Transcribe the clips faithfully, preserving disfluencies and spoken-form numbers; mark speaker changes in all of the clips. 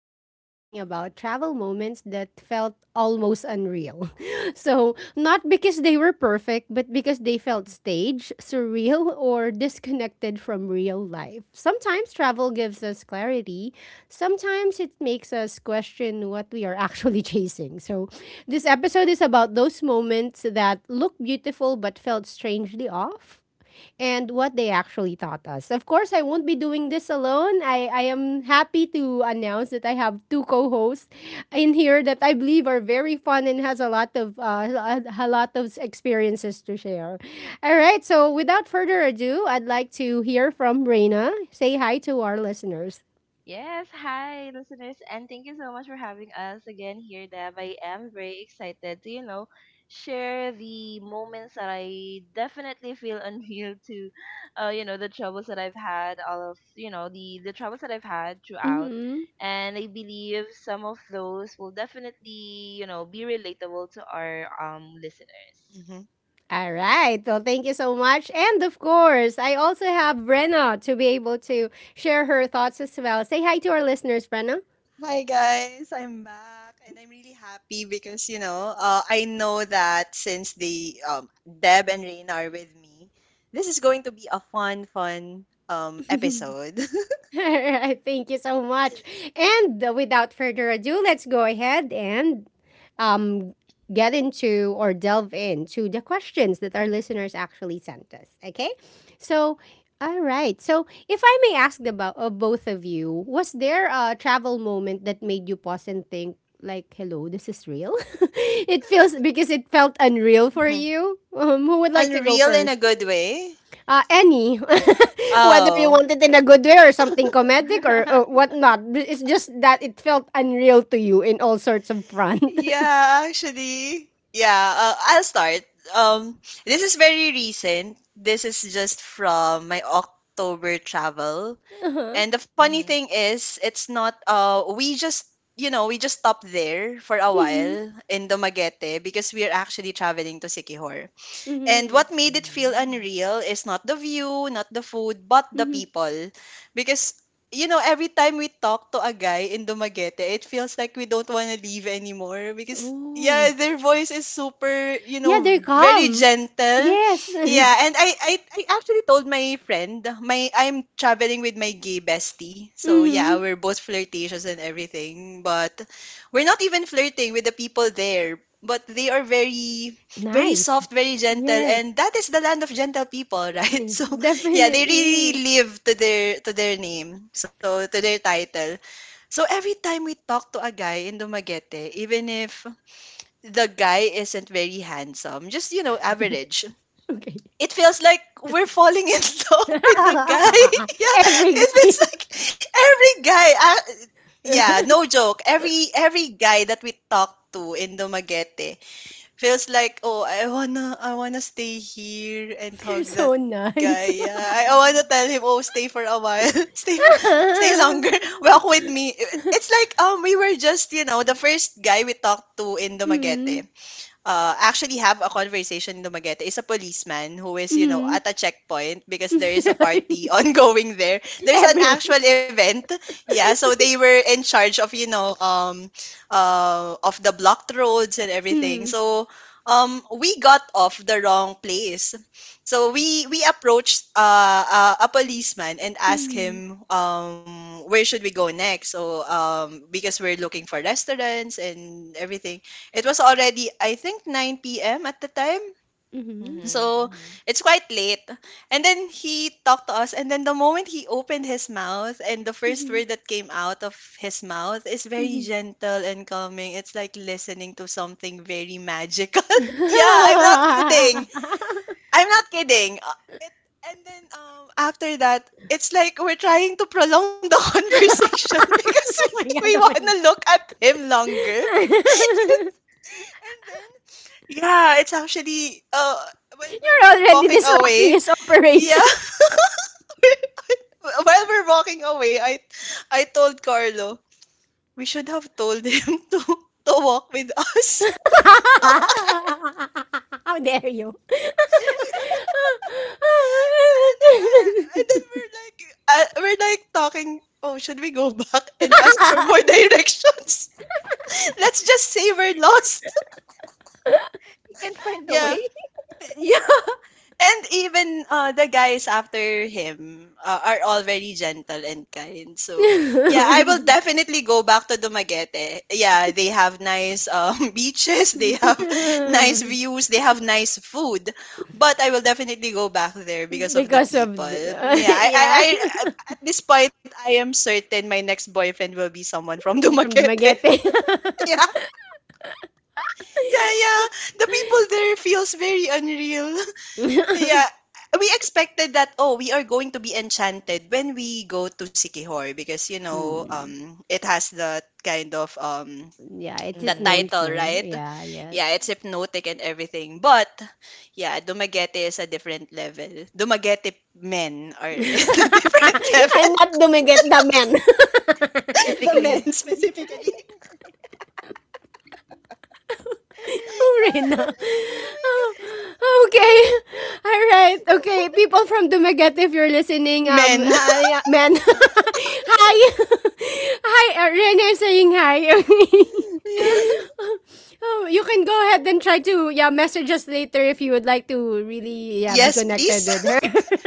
Speaker 1: we're going to be talking about travel moments that felt almost unreal. So, not because they were perfect, but because they felt staged, surreal, or disconnected from real life. Sometimes travel gives us clarity, sometimes it makes us question what we are actually chasing. So, this episode is about those moments that look beautiful but felt strangely off and what they actually taught us. Of course, I won't be doing this alone. I, I am happy to announce that I have two co-hosts in here that I believe are very fun and has a lot of uh, a lot of experiences to share. All right, so without further ado, I'd like to hear from Reina. Say hi to our listeners.
Speaker 2: Yes, hi listeners, and thank you so much for having us again here, Deb. I am very excited to, you know, share the moments that I definitely feel unreal to, uh, you know, the troubles that I've had, all of, you know, the, the troubles that I've had throughout.
Speaker 1: Mm-hmm.
Speaker 2: And I believe some of those will definitely, you know, be relatable to our um listeners.
Speaker 3: Mhm.
Speaker 1: All right. Well, thank you so much. And of course, I also have Brenna to be able to share her thoughts as well. Say hi to our listeners, Brenna.
Speaker 3: Hi guys, I'm back and I'm really happy because you know, uh, I know that since they um Deb and Rain are with me, this is going to be a fun, fun um episode.
Speaker 1: Alright, thank you so much. And uh, without further ado, let's go ahead and um, get into or delve into the questions that our
Speaker 3: Mhm.
Speaker 1: listeners actually sent us. Okay? So, all right. So, if I may ask about uh, both of you, was there a travel moment that made you pause and think, like, hello, this is real? It feels because it felt unreal for
Speaker 3: Mhm.
Speaker 1: you. Um, who would like to go
Speaker 3: Unreal in a good way.
Speaker 1: uh, any. Whether you
Speaker 3: Oh,
Speaker 1: want it in a good way or something comedic, or, or whatnot. It's just that it felt unreal to you in all sorts of front.
Speaker 3: Yeah, actually, yeah, uh, I'll start. Um, this is very recent. This is just from my October travel.
Speaker 1: Uh-huh.
Speaker 3: And the funny
Speaker 2: hmm
Speaker 3: thing is, it's not, uh, we just, you know, we just stopped there for a
Speaker 1: Mm-hmm.
Speaker 3: while in Dumaguete because we are actually traveling to Sikihor. And
Speaker 1: Mm-hmm.
Speaker 3: what made it feel
Speaker 2: hmm
Speaker 3: unreal is not the view, not the food, but the
Speaker 1: Mm-hmm.
Speaker 3: people. Because, you know, every time we talk to a guy in Dumaguete, it feels like we don't want to leave anymore because, yeah,
Speaker 1: Oh.
Speaker 3: their voice is super, you
Speaker 1: Yeah,
Speaker 3: know,
Speaker 1: they're
Speaker 3: very
Speaker 1: calm.
Speaker 3: gentle.
Speaker 1: Yes.
Speaker 3: Yeah, and I, I, I actually told my friend, my I'm traveling with my gay bestie. So, yeah,
Speaker 1: Mm-hmm.
Speaker 3: we're both flirtatious and everything, but we're not even flirting with the people there. But they are very very
Speaker 1: Nice.
Speaker 3: soft, very gentle,
Speaker 1: Yes.
Speaker 3: and that is the land of gentle people, right? So yeah, they
Speaker 1: Definitely.
Speaker 3: really live to their to their name, so to their title. So every time we talk to a guy in Dumaguete, even if the guy isn't very handsome, just you know, average.
Speaker 1: Okay.
Speaker 3: It feels like we're falling in love with the guy. Yeah,
Speaker 1: Every
Speaker 3: it
Speaker 1: guy.
Speaker 3: feels like every guy. Uh, yeah, no joke. Every every guy that we talk to in Dumaguete feels like, oh, I wanna, I wanna stay here and
Speaker 1: You're
Speaker 3: hug that
Speaker 1: so nice.
Speaker 3: guy. Yeah, I, I wanna tell him, oh, stay for a while, stay for, stay longer, walk with me. It's like, um, we were just, you know, the first guy we talked to in
Speaker 1: Mm.
Speaker 3: Dumaguete uh, actually have a conversation in Dumaguete is a policeman who is, you know,
Speaker 1: Mm.
Speaker 3: at a checkpoint because there is a party ongoing there. There's an
Speaker 1: Everyone.
Speaker 3: actual event. Yeah, so they were in charge of, you know, um, uh, of the blocked roads and everything.
Speaker 1: Mm.
Speaker 3: So um, we got off the wrong place. So we we approached uh, uh, a policeman and asked
Speaker 1: Mhm.
Speaker 3: him um, where should we go next. So um, because we're looking for restaurants and everything, it was already, I think, nine p m at the time.
Speaker 1: Mhm.
Speaker 2: hmm
Speaker 3: So
Speaker 2: hmm
Speaker 3: it's quite late. And then he talked to us. And then the moment he opened his mouth, and the first
Speaker 1: Mhm.
Speaker 3: word that came out of his mouth is very
Speaker 1: Mhm.
Speaker 3: gentle and calming. It's like listening to something very magical. Yeah, I'm not kidding. I'm not kidding. Uh, It, and then um, After that, it's like we're trying to prolong the conversation
Speaker 1: Oh
Speaker 3: because we,
Speaker 1: my
Speaker 3: we
Speaker 1: god, oh
Speaker 3: want
Speaker 1: my
Speaker 3: to
Speaker 1: god.
Speaker 3: look at him longer. And then yeah, it's actually uh when when we
Speaker 1: You're
Speaker 3: were
Speaker 1: already
Speaker 3: walking
Speaker 1: disrupting
Speaker 3: away,
Speaker 1: his
Speaker 3: yeah,
Speaker 1: operation.
Speaker 3: while we're walking away, I I told Carlo we should have told him to to walk with us.
Speaker 1: How dare you?
Speaker 3: And then I, and then we're like uh, we're like talking. Oh, should we go back and ask for more directions? Let's just say we're lost.
Speaker 2: You can find the
Speaker 3: Yeah,
Speaker 2: way.
Speaker 3: yeah. And even uh, the guys after him uh, are all very gentle and kind. So yeah, I will definitely go back to Dumaguete. Yeah, they have nice um, beaches, they have nice views, they have nice food. But I will definitely go back there because of the
Speaker 1: Because of
Speaker 3: people.
Speaker 1: the,
Speaker 3: Yeah, I, I,
Speaker 1: yeah,
Speaker 3: I at this point I am certain my next boyfriend will be someone from
Speaker 1: from
Speaker 3: Dumaguete.
Speaker 1: Dumaguete.
Speaker 3: Yeah, yeah, yeah. The people there feels very unreal. Yeah. We expected that oh we are going to be enchanted when we go to Sikihor because you know
Speaker 1: Hmm.
Speaker 3: um it has that kind of um
Speaker 1: Yeah, it
Speaker 3: the
Speaker 1: is known
Speaker 2: Mm.
Speaker 3: title,
Speaker 1: for.
Speaker 3: right?
Speaker 1: Yeah,
Speaker 3: Yeah,
Speaker 1: yes.
Speaker 3: it's hypnotic and everything, but yeah, Dumaguete is a different level. Dumaguete men are at a different level.
Speaker 1: And not dumigit damen.
Speaker 3: The men
Speaker 2: Specifically?
Speaker 3: specifically. Oh
Speaker 1: Rena.
Speaker 3: my god,
Speaker 1: Oh, okay. All right. Okay. People from Dumaguete, if you're listening, um,
Speaker 3: men.
Speaker 1: hi, uh, men. Hi. Hi. Uh, Rena is saying hi.
Speaker 3: Yeah.
Speaker 1: Oh, you can go ahead and try to, yeah, message us later if you would like to really, yeah, be
Speaker 3: Yes,
Speaker 1: connected
Speaker 3: please.
Speaker 1: with her.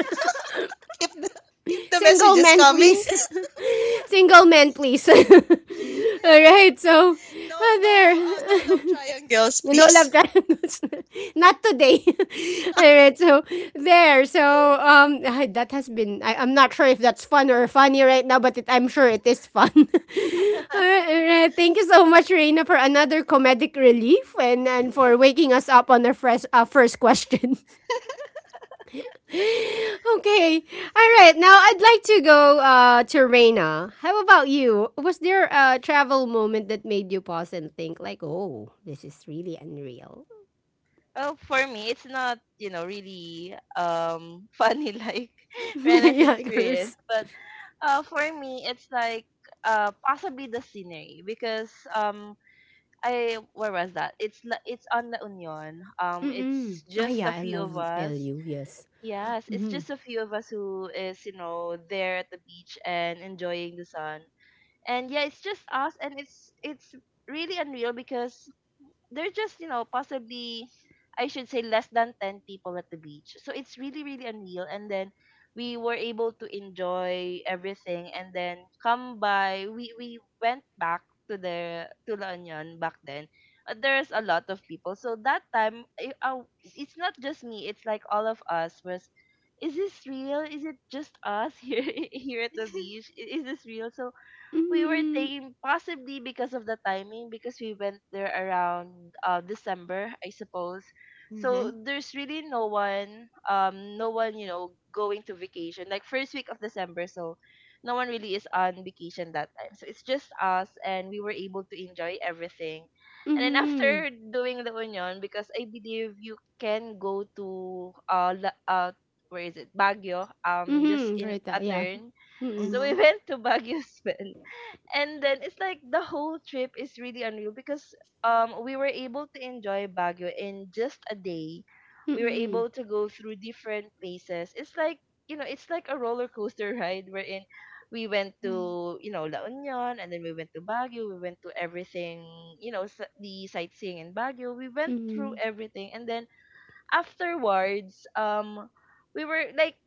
Speaker 3: keep the Keep the
Speaker 1: Single
Speaker 3: messages
Speaker 1: men,
Speaker 3: coming.
Speaker 1: please. Single men, please. All
Speaker 3: Yeah.
Speaker 1: right. So,
Speaker 3: no
Speaker 1: uh,
Speaker 3: no
Speaker 1: there.
Speaker 3: uh, no love triangles,
Speaker 1: No
Speaker 3: please.
Speaker 1: love triangles. Not today. All right. So there. So um, ah, that has been. I, I'm not sure if that's fun or funny right now, but it, I'm sure it is fun. All right, all right. Thank you so much, Reina, for another comedic relief and and for waking us up on our first uh, first question. Okay. All right. Now I'd like to go uh to Reina. How about you? Was there a travel moment that made you pause and think like, oh, this is really unreal?
Speaker 2: Well, for me, it's not, you know, really um funny like Rena's
Speaker 1: Yeah,
Speaker 2: experience,
Speaker 1: curse.
Speaker 2: but uh for me it's like uh possibly the scenery because um I where was that? It's la- it's on La Union. Um
Speaker 1: Mm-mm.
Speaker 2: it's
Speaker 1: Ah,
Speaker 2: just
Speaker 1: yeah,
Speaker 2: a
Speaker 1: I
Speaker 2: few
Speaker 1: love
Speaker 2: of us.
Speaker 1: L U, yes.
Speaker 2: Yes, it's
Speaker 1: Mm-hmm.
Speaker 2: just a few of us who is, you know, there at the beach and enjoying the sun. And yeah, it's just us, and it's it's really unreal because they're just, you know, possibly, I should say, less than ten people at the beach, so it's really really unreal. And then we were able to enjoy everything, and then come by we we went back to the to La Union back then. Uh, there's a lot of people, so that time i- I- it's not just me, it's like all of us was, is this real, is it just us here, here at the
Speaker 3: Mhm,
Speaker 2: beach, I- is this real. So we were
Speaker 1: Mm-hmm.
Speaker 2: thinking possibly because of the timing, because we went there around uh December, I suppose.
Speaker 3: mhm,
Speaker 2: So there's really no one, um no one, you know, going to vacation like first week of December, so no one really is on vacation that time. So it's just us, and we were able to enjoy everything. And then
Speaker 1: Mm-hmm.
Speaker 2: after doing the Union, because I believe you can go to uh, La- uh where is it, Baguio, um just
Speaker 1: Mm-hmm.
Speaker 2: in
Speaker 1: Rita,
Speaker 2: a
Speaker 1: yeah.
Speaker 2: turn.
Speaker 1: Mm-mm.
Speaker 2: So we
Speaker 3: mhm,
Speaker 2: went to Baguio as well, and then it's like the whole trip is really unreal because um we were able to enjoy Baguio in just a day. We were
Speaker 1: Mm-mm.
Speaker 2: able to go through different places. It's like, you know, it's like a roller coaster ride wherein we went to, you know, La Union, and then we went to Baguio. We went to everything, you know s- the sightseeing in Baguio. We went through
Speaker 1: Mm-hmm.
Speaker 2: everything, and then afterwards, um we were like,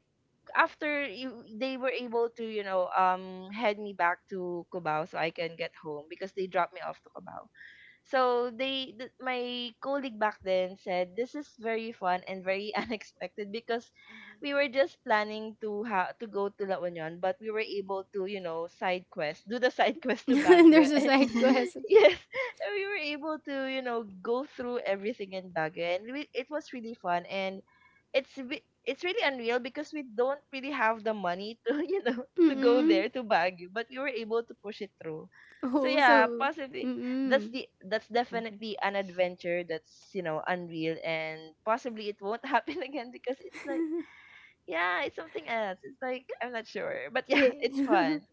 Speaker 2: after you they were able to, you know, um head me back to Cubao so I can get home, because they dropped me off to Cubao. So they, th- my colleague back then said, this is very fun and very unexpected because
Speaker 3: mhm,
Speaker 2: we were just planning to ha- to go to La Union, but we were able to, you know, side quest, do the side quest to
Speaker 1: There's
Speaker 2: Baguio,
Speaker 1: a
Speaker 2: and
Speaker 1: side
Speaker 3: mhm,
Speaker 1: quest.
Speaker 2: yes, and we were able to, you know, go through everything in Baguio, and we, it was really fun. And it's re- it's really unreal because we don't really have the money to you know, to go
Speaker 1: Mm-mm.
Speaker 2: there to Baguio, but we were able to push it through. So
Speaker 1: Oh,
Speaker 2: yeah,
Speaker 1: so…
Speaker 2: positive, that's
Speaker 1: Mm-mm.
Speaker 2: the that's
Speaker 3: mhm,
Speaker 2: definitely an adventure that's, you know, unreal, and possibly it won't happen again because it's like, yeah, it's something else. It's like, I'm not sure, but yeah,
Speaker 1: Eh.
Speaker 2: it's fun.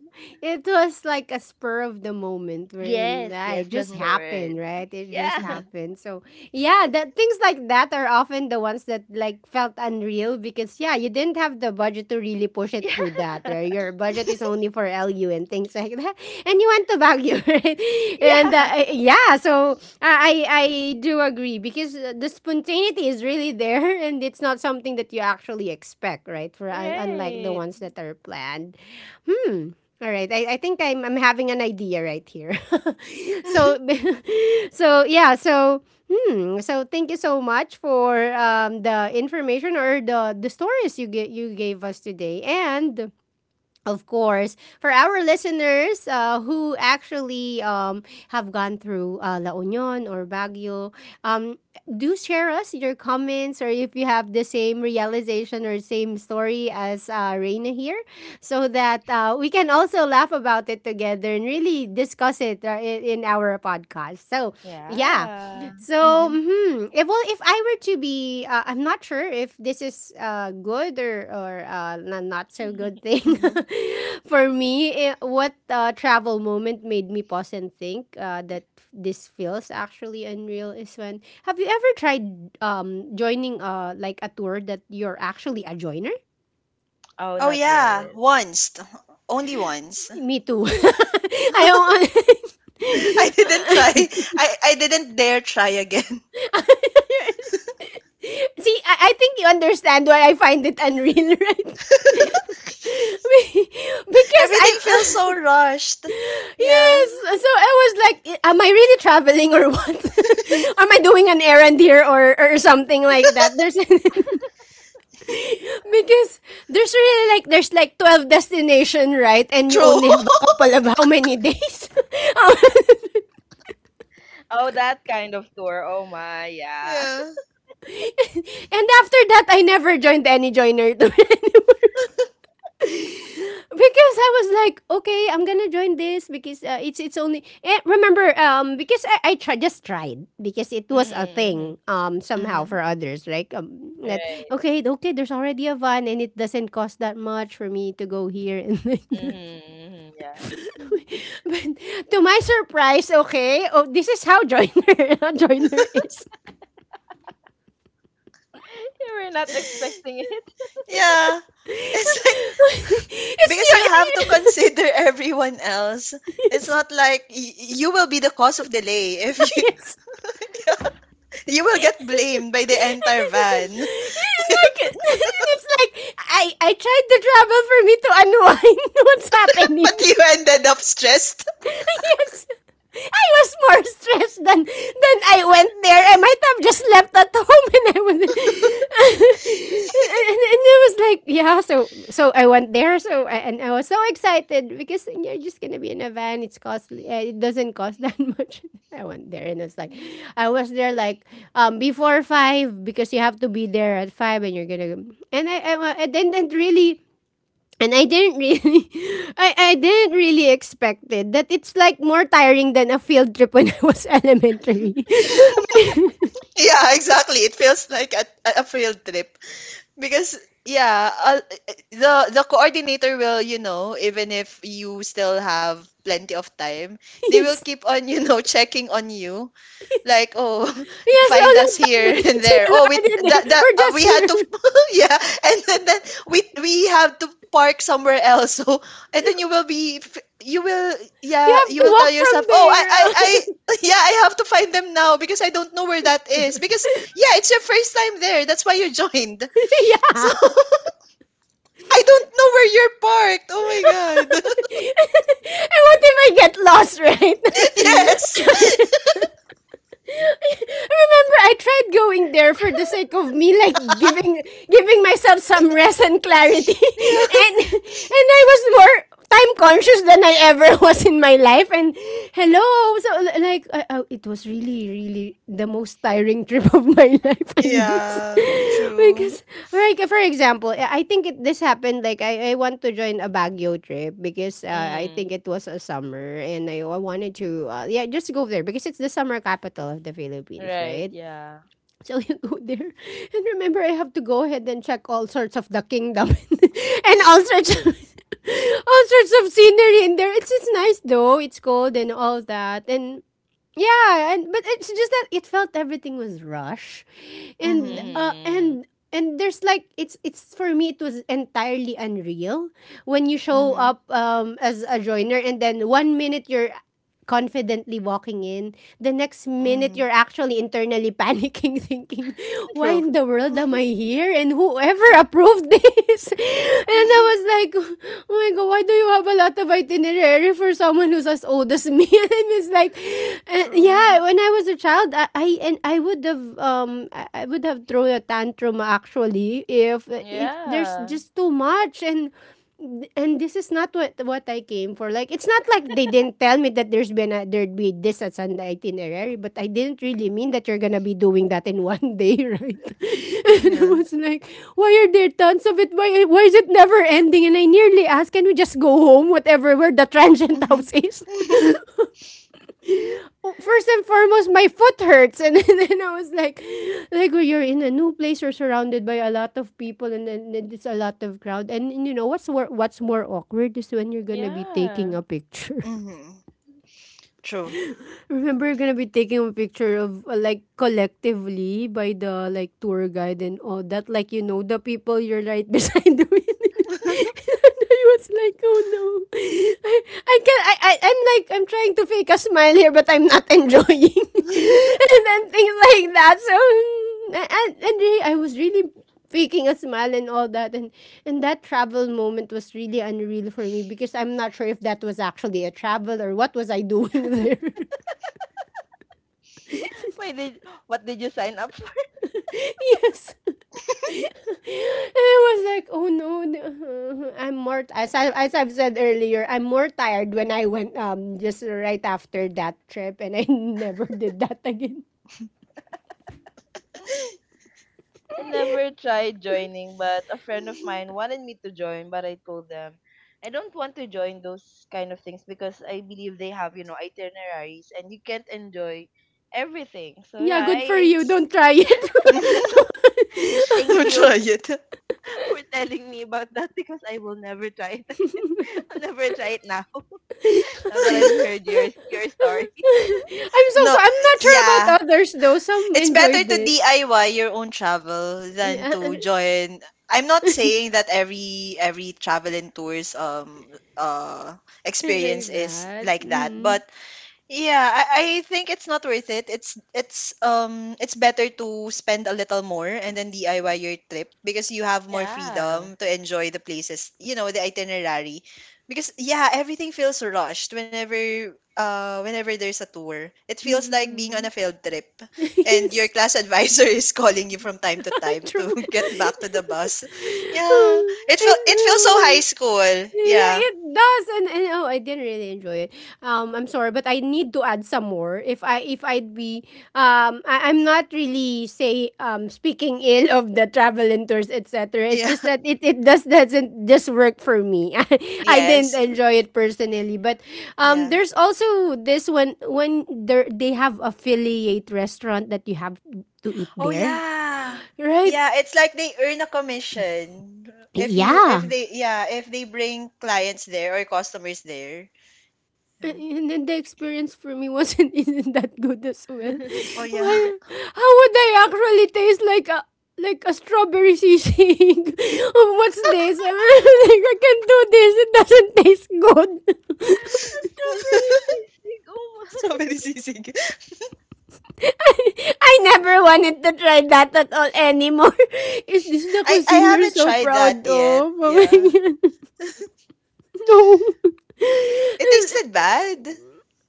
Speaker 1: It was like a spur of the moment wherein
Speaker 2: Yes,
Speaker 1: ah, it
Speaker 2: yes,
Speaker 1: just
Speaker 2: that's the
Speaker 3: mhm,
Speaker 2: word.
Speaker 1: happened, right? It just
Speaker 2: Yeah.
Speaker 3: mhm,
Speaker 1: happened. So yeah, that things like that are often the ones that like felt unreal because yeah, you didn't have the budget to really push it through that.
Speaker 2: Yeah.
Speaker 1: Right? Your budget is only for L U and things like that, and you went to Baguio, right? And
Speaker 2: Yeah.
Speaker 1: uh, eh, yeah, so I I I do agree because uh, the spontaneity is really there, and it's not something that you actually expect, right? For un- unlike the
Speaker 2: Right.
Speaker 1: ones that are planned. Hmm. All right. I, I think I'm I'm having an idea right here. So so yeah, so hmm, so thank you so much for um, the information or the the stories you get you gave us today. And of course. For our listeners uh, who actually um, have gone through uh, La Union or Baguio, um, do share us your comments or if you have the same realization or same story as uh, Reina here so that uh, we can also laugh about it together and really discuss it uh, in, in our podcast. So, yeah.
Speaker 2: Yeah.
Speaker 1: So,
Speaker 3: mhm,
Speaker 1: hmm, if well, if I were to be, uh, I'm not sure if this is uh, good or or uh, n- not so good thing
Speaker 3: mhm.
Speaker 1: for me. Eh, what uh, travel moment made me pause and think uh, that this feels actually unreal is when have you ever tried um joining uh like a tour that you're actually a joiner?
Speaker 2: Oh,
Speaker 3: Oh
Speaker 2: not
Speaker 3: yeah,
Speaker 2: yet.
Speaker 3: once, t- only once.
Speaker 1: Me too. I don't
Speaker 3: I didn't try.
Speaker 1: want.
Speaker 3: I I didn't dare try again.
Speaker 1: See, I, I think you understand why I find it unreal, right? Be- because I
Speaker 3: Everything feels so rushed. Yeah,
Speaker 1: yes, so I was like, "I- am I really traveling or what? Am I doing an errand here or or something like that? There's because there's really like there's like twelve destination, right? And you
Speaker 3: true.
Speaker 1: only have a couple of how many days?
Speaker 2: Oh, that kind of tour, oh my, yeah.
Speaker 3: Yeah.
Speaker 1: And after that, I never joined any joiner. Because I was like, okay, I'm gonna join this because uh, it's it's only eh, remember um because I I try, just tried because it was a
Speaker 2: Mm-hmm, mm-hmm.
Speaker 1: thing um somehow
Speaker 3: Mhm.
Speaker 1: for others like um that
Speaker 2: Right.
Speaker 1: okay okay there's already a van and it doesn't cost that much for me to go here and like
Speaker 2: Mm-hmm,
Speaker 1: that.
Speaker 2: mm-hmm, yeah.
Speaker 3: Mhm.
Speaker 1: But to my surprise okay oh this is how joiner joiner is
Speaker 2: You were not expecting it.
Speaker 3: Yeah. It's like
Speaker 1: it's
Speaker 3: because you have to
Speaker 1: your
Speaker 3: consider everyone else. It's
Speaker 1: it's,
Speaker 3: not like y- you will be the cause of delay if you
Speaker 1: yes
Speaker 3: you will get blamed by
Speaker 1: like
Speaker 3: the entire van.
Speaker 1: it's like I I tried the drama for me to unwind what's
Speaker 3: But
Speaker 1: happening.
Speaker 3: you ended up stressed.
Speaker 1: Yes. I was more stressed than than I went there. I might have just left at home and I was and, and it was like yeah, so so I went there so I, and I was so excited because you're just gonna be in a van. It's costly. Uh, it doesn't cost that much. I went there and it's like I was there like um before five because you have to be there at five and you're gonna and I, I, I didn't really and I didn't really I I didn't really expect it that it's like more tiring than a field trip when I was elementary. But-
Speaker 3: Yeah, exactly. It feels like a, a a field trip because yeah, uh, the the coordinator will, you know, even if you still have plenty of time, they will
Speaker 1: yes.
Speaker 3: keep on, you know, checking on you,
Speaker 1: Yes.
Speaker 3: like oh
Speaker 1: Yes, we
Speaker 3: find
Speaker 1: all
Speaker 3: us
Speaker 1: have
Speaker 3: here
Speaker 1: bad
Speaker 3: and
Speaker 1: teacher
Speaker 3: there oh we
Speaker 1: rather there.
Speaker 3: that, that
Speaker 1: We're
Speaker 3: uh,
Speaker 1: just
Speaker 3: we had
Speaker 1: here.
Speaker 3: to yeah and then, then we we have to park somewhere else so and then you will be f- you will
Speaker 1: You
Speaker 3: yeah
Speaker 1: have
Speaker 3: you
Speaker 1: to
Speaker 3: will tell
Speaker 1: walk from
Speaker 3: yourself oh i i
Speaker 1: there.
Speaker 3: I yeah I have to find them now because I don't know where that is because yeah it's your first time there that's why you joined.
Speaker 1: Yeah.
Speaker 3: I don't know where you're parked, oh my god.
Speaker 1: And what if I get lost, right?
Speaker 3: Yes.
Speaker 1: Remember I tried going there for the sake of me like giving giving myself some rest and clarity.
Speaker 3: Yeah,
Speaker 1: And and I was more time conscious than I ever was in my life and hello so like uh, uh, it was really really the most tiring trip of my life, I guess.
Speaker 3: yeah, true.
Speaker 1: Because, like, for example, I I think it, this happened, like, I, I want to join a Baguio trip because uh, I think
Speaker 2: Mm,
Speaker 1: it was a summer and I, I wanted to, uh, yeah, just go there because it's the summer capital of the Philippines,
Speaker 2: right,
Speaker 1: right?
Speaker 2: yeah.
Speaker 1: So you go there. And remember, I have to go ahead and check all sorts of the kingdom and all sorts of. All sorts of scenery in there. It's, it's nice though. It's cold and all that. And yeah, and but it's just that it felt everything was rush, and
Speaker 3: Mm-hmm,
Speaker 1: uh,
Speaker 2: Mhm.
Speaker 1: and and there's like it's it's for me it was entirely unreal when you show
Speaker 3: mm-hmm,
Speaker 1: up um as a joiner and then one minute you're confidently walking in, the next minute
Speaker 3: mm-hmm.
Speaker 1: you're actually internally panicking, thinking, why
Speaker 3: True.
Speaker 1: in the world am I here? And whoever approved this? And I was like, oh my God, why do you have a lot of itinerary for someone who's as old as me? And it's like, uh,
Speaker 3: True.
Speaker 1: yeah, when I was a child, I, I and I would have um I I would have thrown a tantrum actually if it, there's
Speaker 2: Yeah.
Speaker 1: just too much and th- and this is not what what I came for. Like it's not like they didn't tell me that there's been a there'd be this as an itinerary, but I didn't really mean that you're gonna be doing that in one day, right? And I
Speaker 3: Yeah.
Speaker 1: was like, why are there tons of it? Why why is it never ending? And I nearly asked, can we just go home, whatever where the transient
Speaker 3: Mhm.
Speaker 1: house is?
Speaker 3: Mhm.
Speaker 1: Oh, first and foremost, my foot hurts. And then I was like, like when you're in a new place, you're surrounded by a lot of people, and then, then it's a lot of crowd. And and you know what's wor- what's more awkward is when you're gonna be taking
Speaker 2: Yeah.
Speaker 1: a picture.
Speaker 3: Mhm. True.
Speaker 1: Remember, you're gonna be taking a picture of uh, like collectively by the like tour guide and all that. Like you know the people you're right beside the window. And I was like, oh no, I I can I, I I'm like, I'm trying to fake a smile here, but I'm not enjoying. And then things like that. So, mm, and and really, I was really faking a smile and all that, and and that travel moment was really unreal for me because I'm not sure if that was actually a travel or what was I doing there.
Speaker 2: Wait, did, what did you sign up for?
Speaker 1: Yes. I was like, oh no, no, I'm more, as I as I've said earlier, I'm more tired when I went um just right after that trip, and I never did that again.
Speaker 2: I never tried joining, but a friend of mine wanted me to join, but I told them I don't want to join those kind of things because I believe they have, you know, itineraries and you can't enjoy everything. So
Speaker 1: Yeah,
Speaker 2: yeah,
Speaker 1: good
Speaker 2: I,
Speaker 1: for
Speaker 2: I
Speaker 1: you. Don't try it.
Speaker 2: thank
Speaker 3: Don't try
Speaker 2: you
Speaker 3: it.
Speaker 2: for telling me about that, because I will never try it. I'll never try it now. Now that I've heard your your story.
Speaker 1: I'm so
Speaker 3: No,
Speaker 1: sorry. I'm
Speaker 3: eh,
Speaker 1: not sure
Speaker 3: yeah.
Speaker 1: about others though. Some
Speaker 3: It's
Speaker 1: enjoyed
Speaker 3: better to
Speaker 1: it.
Speaker 3: D I Y your own travel than
Speaker 1: Yeah,
Speaker 3: to join. I'm not saying that every every travel and tours um uh
Speaker 1: I
Speaker 3: experience
Speaker 1: like
Speaker 3: is
Speaker 1: that.
Speaker 3: like that, but
Speaker 1: Mm.
Speaker 3: yeah, I, I think it's not worth it. It's it's um it's better to spend a little more and then D I Y your trip because you have more
Speaker 2: Yeah.
Speaker 3: freedom to enjoy the places, you know, the itinerary. Because yeah, everything feels rushed whenever uh whenever there's a tour. It feels like being on
Speaker 1: Mm.
Speaker 3: a field trip, and your
Speaker 1: Yes.
Speaker 3: class advisor is calling you from time to time to
Speaker 1: True.
Speaker 3: get back to the bus. Yeah.
Speaker 1: um,
Speaker 3: It feel
Speaker 1: and
Speaker 3: it feels so high
Speaker 1: uh,
Speaker 3: school.
Speaker 1: Yeah,
Speaker 3: Yeah.
Speaker 1: it does, and, and oh, I didn't really enjoy it. Um, I'm sorry, but I need to add some more. If I if I'd be, um, I, I'm not really say um speaking ill of the travel and tours et cetera. It's
Speaker 3: Yeah.
Speaker 1: just that it it does doesn't just work for me. I I didn't
Speaker 3: Yes.
Speaker 1: enjoy it personally, but
Speaker 3: Yeah.
Speaker 1: um, there's also this one when there they have affiliate restaurant that you have to eat
Speaker 3: Oh
Speaker 1: there,
Speaker 3: yeah.
Speaker 1: right?
Speaker 3: Yeah, it's like they earn a commission if you if
Speaker 1: Yeah.
Speaker 3: they, yeah, if they bring clients there or customers there. Yeah.
Speaker 1: And, and then the experience for me wasn't isn't that good as well.
Speaker 3: Oh yeah.
Speaker 1: Why? How would I actually taste like a like a strawberry sisig? Oh, what's this? I'm like, I can't do this. It doesn't taste good.
Speaker 2: A strawberry sisig. Oh
Speaker 3: So
Speaker 2: my.
Speaker 3: many sisig.
Speaker 1: I never wanted to try that at all anymore. Is this the
Speaker 3: I I
Speaker 1: cuisine you're
Speaker 3: haven't
Speaker 1: so
Speaker 3: tried that
Speaker 1: proud
Speaker 3: yet.
Speaker 1: of? Oh my
Speaker 3: Yeah.
Speaker 1: God. No.
Speaker 3: It tasted bad.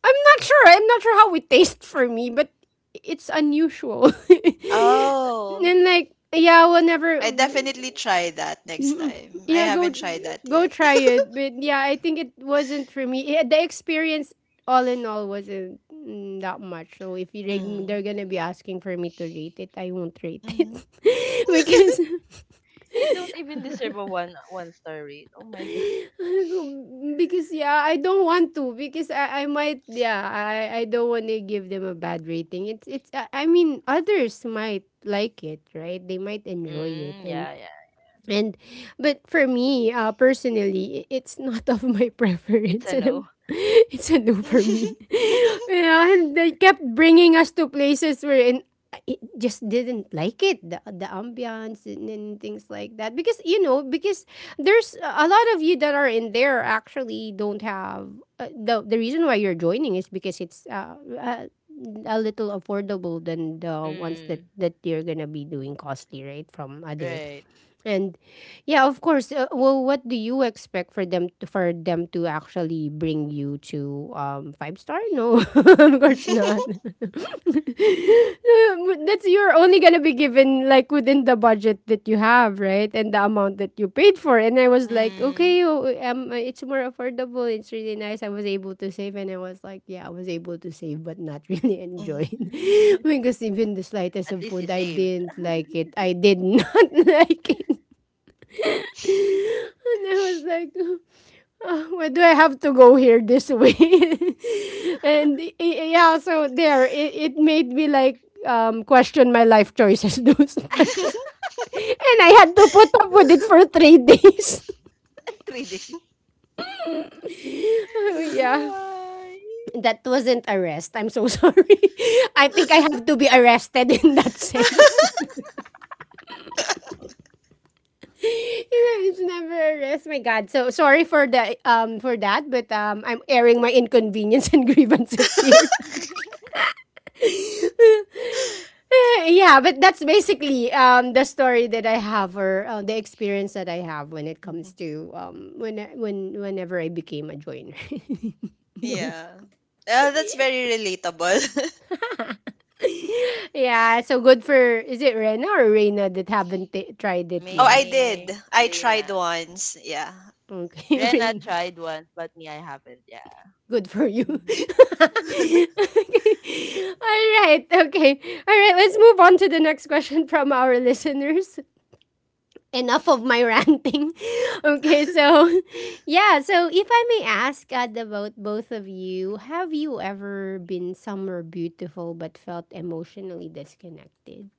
Speaker 1: I'm not sure. I'm not sure how it tastes for me, but it's unusual.
Speaker 3: Oh.
Speaker 1: And like, yeah, whenever
Speaker 3: I definitely try that next
Speaker 1: Mm,
Speaker 3: time. I
Speaker 1: yeah, go
Speaker 3: haven't tried that
Speaker 1: go
Speaker 3: yet.
Speaker 1: try it. But yeah, I think it wasn't for me. Yeah, the experience all in all wasn't, mm, that much. So if you they're
Speaker 3: Mhm.
Speaker 1: gonna be asking for me to rate it, I won't rate it
Speaker 3: Mhm.
Speaker 1: because
Speaker 2: I don't even deserve a one one star rate. Oh my god.
Speaker 1: because yeah, I don't want to because I, I might, yeah, I, I don't want to give them a bad rating. It's it's I I mean, others might like it, right. They might enjoy it,
Speaker 2: Mm,
Speaker 1: and
Speaker 2: yeah, yeah.
Speaker 1: and but for me, uh, personally, i- it's not of my
Speaker 2: It's a
Speaker 1: preference, and I'm,
Speaker 2: no.
Speaker 1: it's a no for me. Yeah, and they kept bringing us to places where in it just didn't like it, the, the ambiance, and, and things like that because you know because there's a lot of you that are in there actually don't have, uh, the, the reason why you're joining is because it's, uh, uh, a little affordable than the ones that
Speaker 2: Mm,
Speaker 1: that you're gonna be doing costly right from other.
Speaker 2: right.
Speaker 1: And yeah, of course. Uh, well, what do you expect for them to, for them to actually bring you to um five star? No, of course not. That's You're only gonna be given like within the budget that you have, right? And the amount that you paid for. And I was like,
Speaker 2: Mm.
Speaker 1: okay, oh, um, it's more affordable. It's really nice. I was able to save, and I was like, yeah, I was able to save, but not really
Speaker 3: Mhm.
Speaker 1: enjoy it because even the slightest
Speaker 2: At
Speaker 1: of
Speaker 2: least you
Speaker 1: food, I
Speaker 2: saved
Speaker 1: didn't like it. I did not like it. And I was like, "Uh, why do I have to go here this way? And y- y- yeah, so there, it, it made me, like, um, question my life choices those times."
Speaker 3: Mhm.
Speaker 1: And I had to put up with it for three days.
Speaker 2: three days.
Speaker 1: Oh,
Speaker 2: Oh
Speaker 1: yeah.
Speaker 2: why?
Speaker 1: That wasn't arrest. I'm so sorry. I think I have to be arrested in that sense. It's never arrest. My God. So sorry for the um for that, but um I'm airing my inconvenience and grievances here. Yeah, but that's basically, um, the story that I have, or uh, the experience that I have when it
Speaker 3: Mhm.
Speaker 1: comes to, um, when I- when whenever I became a joiner. No.
Speaker 3: Yeah. Uh, that's very relatable.
Speaker 1: Yeah, so good for, is it Rena or Reina that haven't t- tried it
Speaker 3: Oh,
Speaker 1: yet?
Speaker 3: I did.
Speaker 2: Me,
Speaker 3: I tried
Speaker 2: Reina.
Speaker 3: once. Yeah.
Speaker 1: Okay,
Speaker 2: Rena
Speaker 1: Reina.
Speaker 2: tried once, but me, I haven't. Yeah.
Speaker 1: Good for you.
Speaker 3: Mhm.
Speaker 1: Okay. All right. Okay. All right. Let's move on to the next question from our listeners. Enough of my ranting. Okay, so yeah, so if I may ask, uh, about both of you, have you ever been somewhere beautiful but felt emotionally disconnected?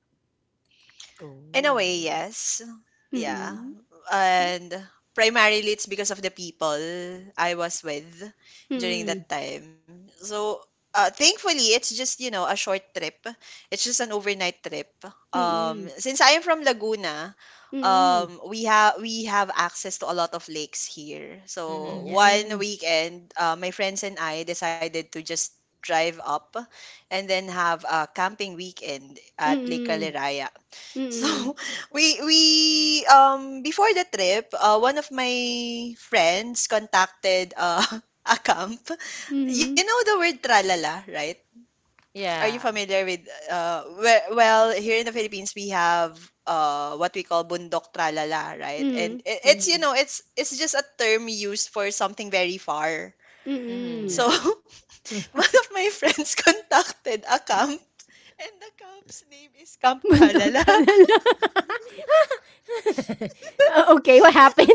Speaker 3: In a way,
Speaker 2: Oh.
Speaker 3: yes. Yeah.
Speaker 1: Mm-mm.
Speaker 3: And primarily it's because of the people I was with during
Speaker 1: Mm-mm.
Speaker 3: that time. So uh, thankfully it's just, you know, a short trip. It's just an overnight trip. Um,
Speaker 1: Mm-mm.
Speaker 3: since I am from Laguna,
Speaker 1: Mm-mm.
Speaker 3: um we have we have access to a lot of lakes here.
Speaker 2: Mm-hmm,
Speaker 3: So
Speaker 2: yeah.
Speaker 3: one
Speaker 1: Oh.
Speaker 3: weekend, uh, my friends and I decided to just drive up and then have a camping weekend at Lake
Speaker 1: Mm-mm.
Speaker 3: Caleraya. So
Speaker 1: Mm-mm.
Speaker 3: we we um before the trip, uh, one of my friends contacted uh, a camp. You
Speaker 1: Mm-hmm.
Speaker 3: know the word tralala, right? Are you
Speaker 2: Yeah.
Speaker 3: familiar with uh we- well, here in the Philippines we have uh what we call bundok tralala, right? And
Speaker 1: Mm-hmm.
Speaker 3: i- it's you
Speaker 1: Mm-hmm.
Speaker 2: Mm-hmm,
Speaker 3: know, it's it's just a term used for something very far.
Speaker 2: mm-hmm,
Speaker 1: Mm-mm.
Speaker 3: So
Speaker 2: yeah.
Speaker 3: one of my friends contacted a camp and the camp's name is Camp
Speaker 1: Buntok
Speaker 3: Tralala.
Speaker 1: talaga. Uh, okay, what happened?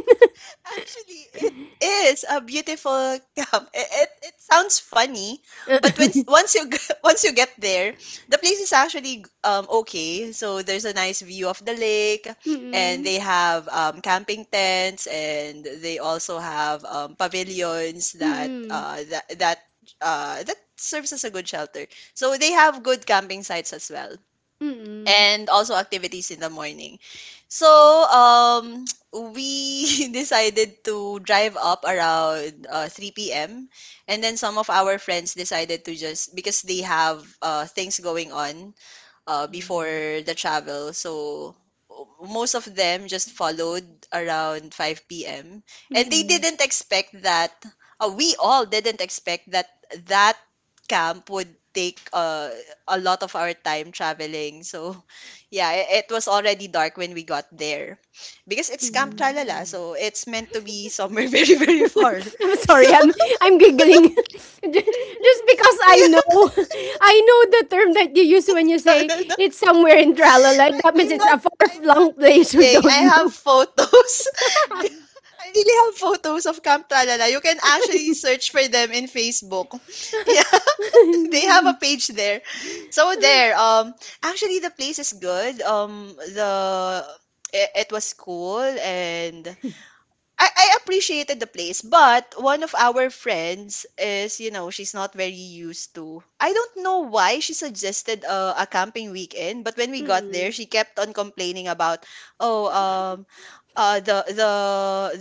Speaker 3: Actually, it is a beautiful camp. It, it, it sounds funny, but when
Speaker 1: Mm-mm.
Speaker 3: once you g- once you get there, the place is actually um okay. So there's a nice view of the lake, and they have um camping tents, and they also have um pavilions that
Speaker 1: Mm-mm.
Speaker 3: uh that that uh that serves as a good shelter. So they have good camping sites as well
Speaker 1: Mm-mm.
Speaker 3: and also activities in the morning. So, um, we decided to drive up around uh, three p m. And then some of our friends decided to just, because they have uh, things going on, uh,
Speaker 2: Mm-hmm.
Speaker 3: before the travel. So o- most of them just followed around five p m. And they
Speaker 1: Mm,
Speaker 3: didn't expect that, uh, we all didn't expect that that camp would take uh, a lot of our time traveling. So yeah, i- it was already dark when we got there. Because it's Camp
Speaker 1: mm.
Speaker 3: Tralala,
Speaker 2: Mm.
Speaker 3: so it's meant to be somewhere very, very far.
Speaker 1: I'm sorry. I'm I'm giggling. Ju- just because I know, I know the term that you use when you say it's somewhere in Tralala. That means
Speaker 3: I'm
Speaker 1: it's
Speaker 3: not
Speaker 1: a
Speaker 3: I'm not
Speaker 1: far-flung place we
Speaker 3: kidding. I
Speaker 1: don't
Speaker 3: have
Speaker 1: know.
Speaker 3: photos. I, I really have photos of Camp Tralala. You can actually search for them in Facebook. Yeah, they have a page there. So there, um, actually the place is good. Um, the it, it was cool and I, I appreciated the place, but one of our friends is, you know, she's not very used to. I don't know why she suggested uh, a camping weekend, but when we got there,
Speaker 1: Mm,
Speaker 3: she kept on complaining about, oh, um, uh, the the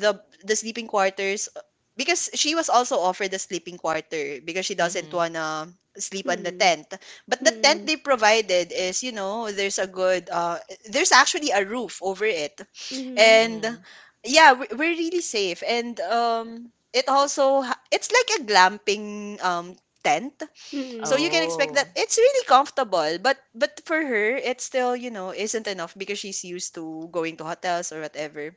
Speaker 3: the the sleeping quarters uh, because she was also offered a sleeping quarter because she doesn't
Speaker 2: Mm-hmm.
Speaker 3: wanna sleep on the
Speaker 1: mm,
Speaker 3: tent. But the tent
Speaker 1: mm,
Speaker 3: they provided is, you know, there's a good uh, there's actually a roof over it,
Speaker 1: mhm,
Speaker 3: and
Speaker 2: Mm-hmm.
Speaker 3: yeah we- we're really safe, and um it also ha- it's like a glamping um tent, so
Speaker 1: mm,
Speaker 3: you can expect that
Speaker 2: Oh.
Speaker 3: it's really comfortable, but but for her it still you know isn't enough because she's used to going to hotels or whatever,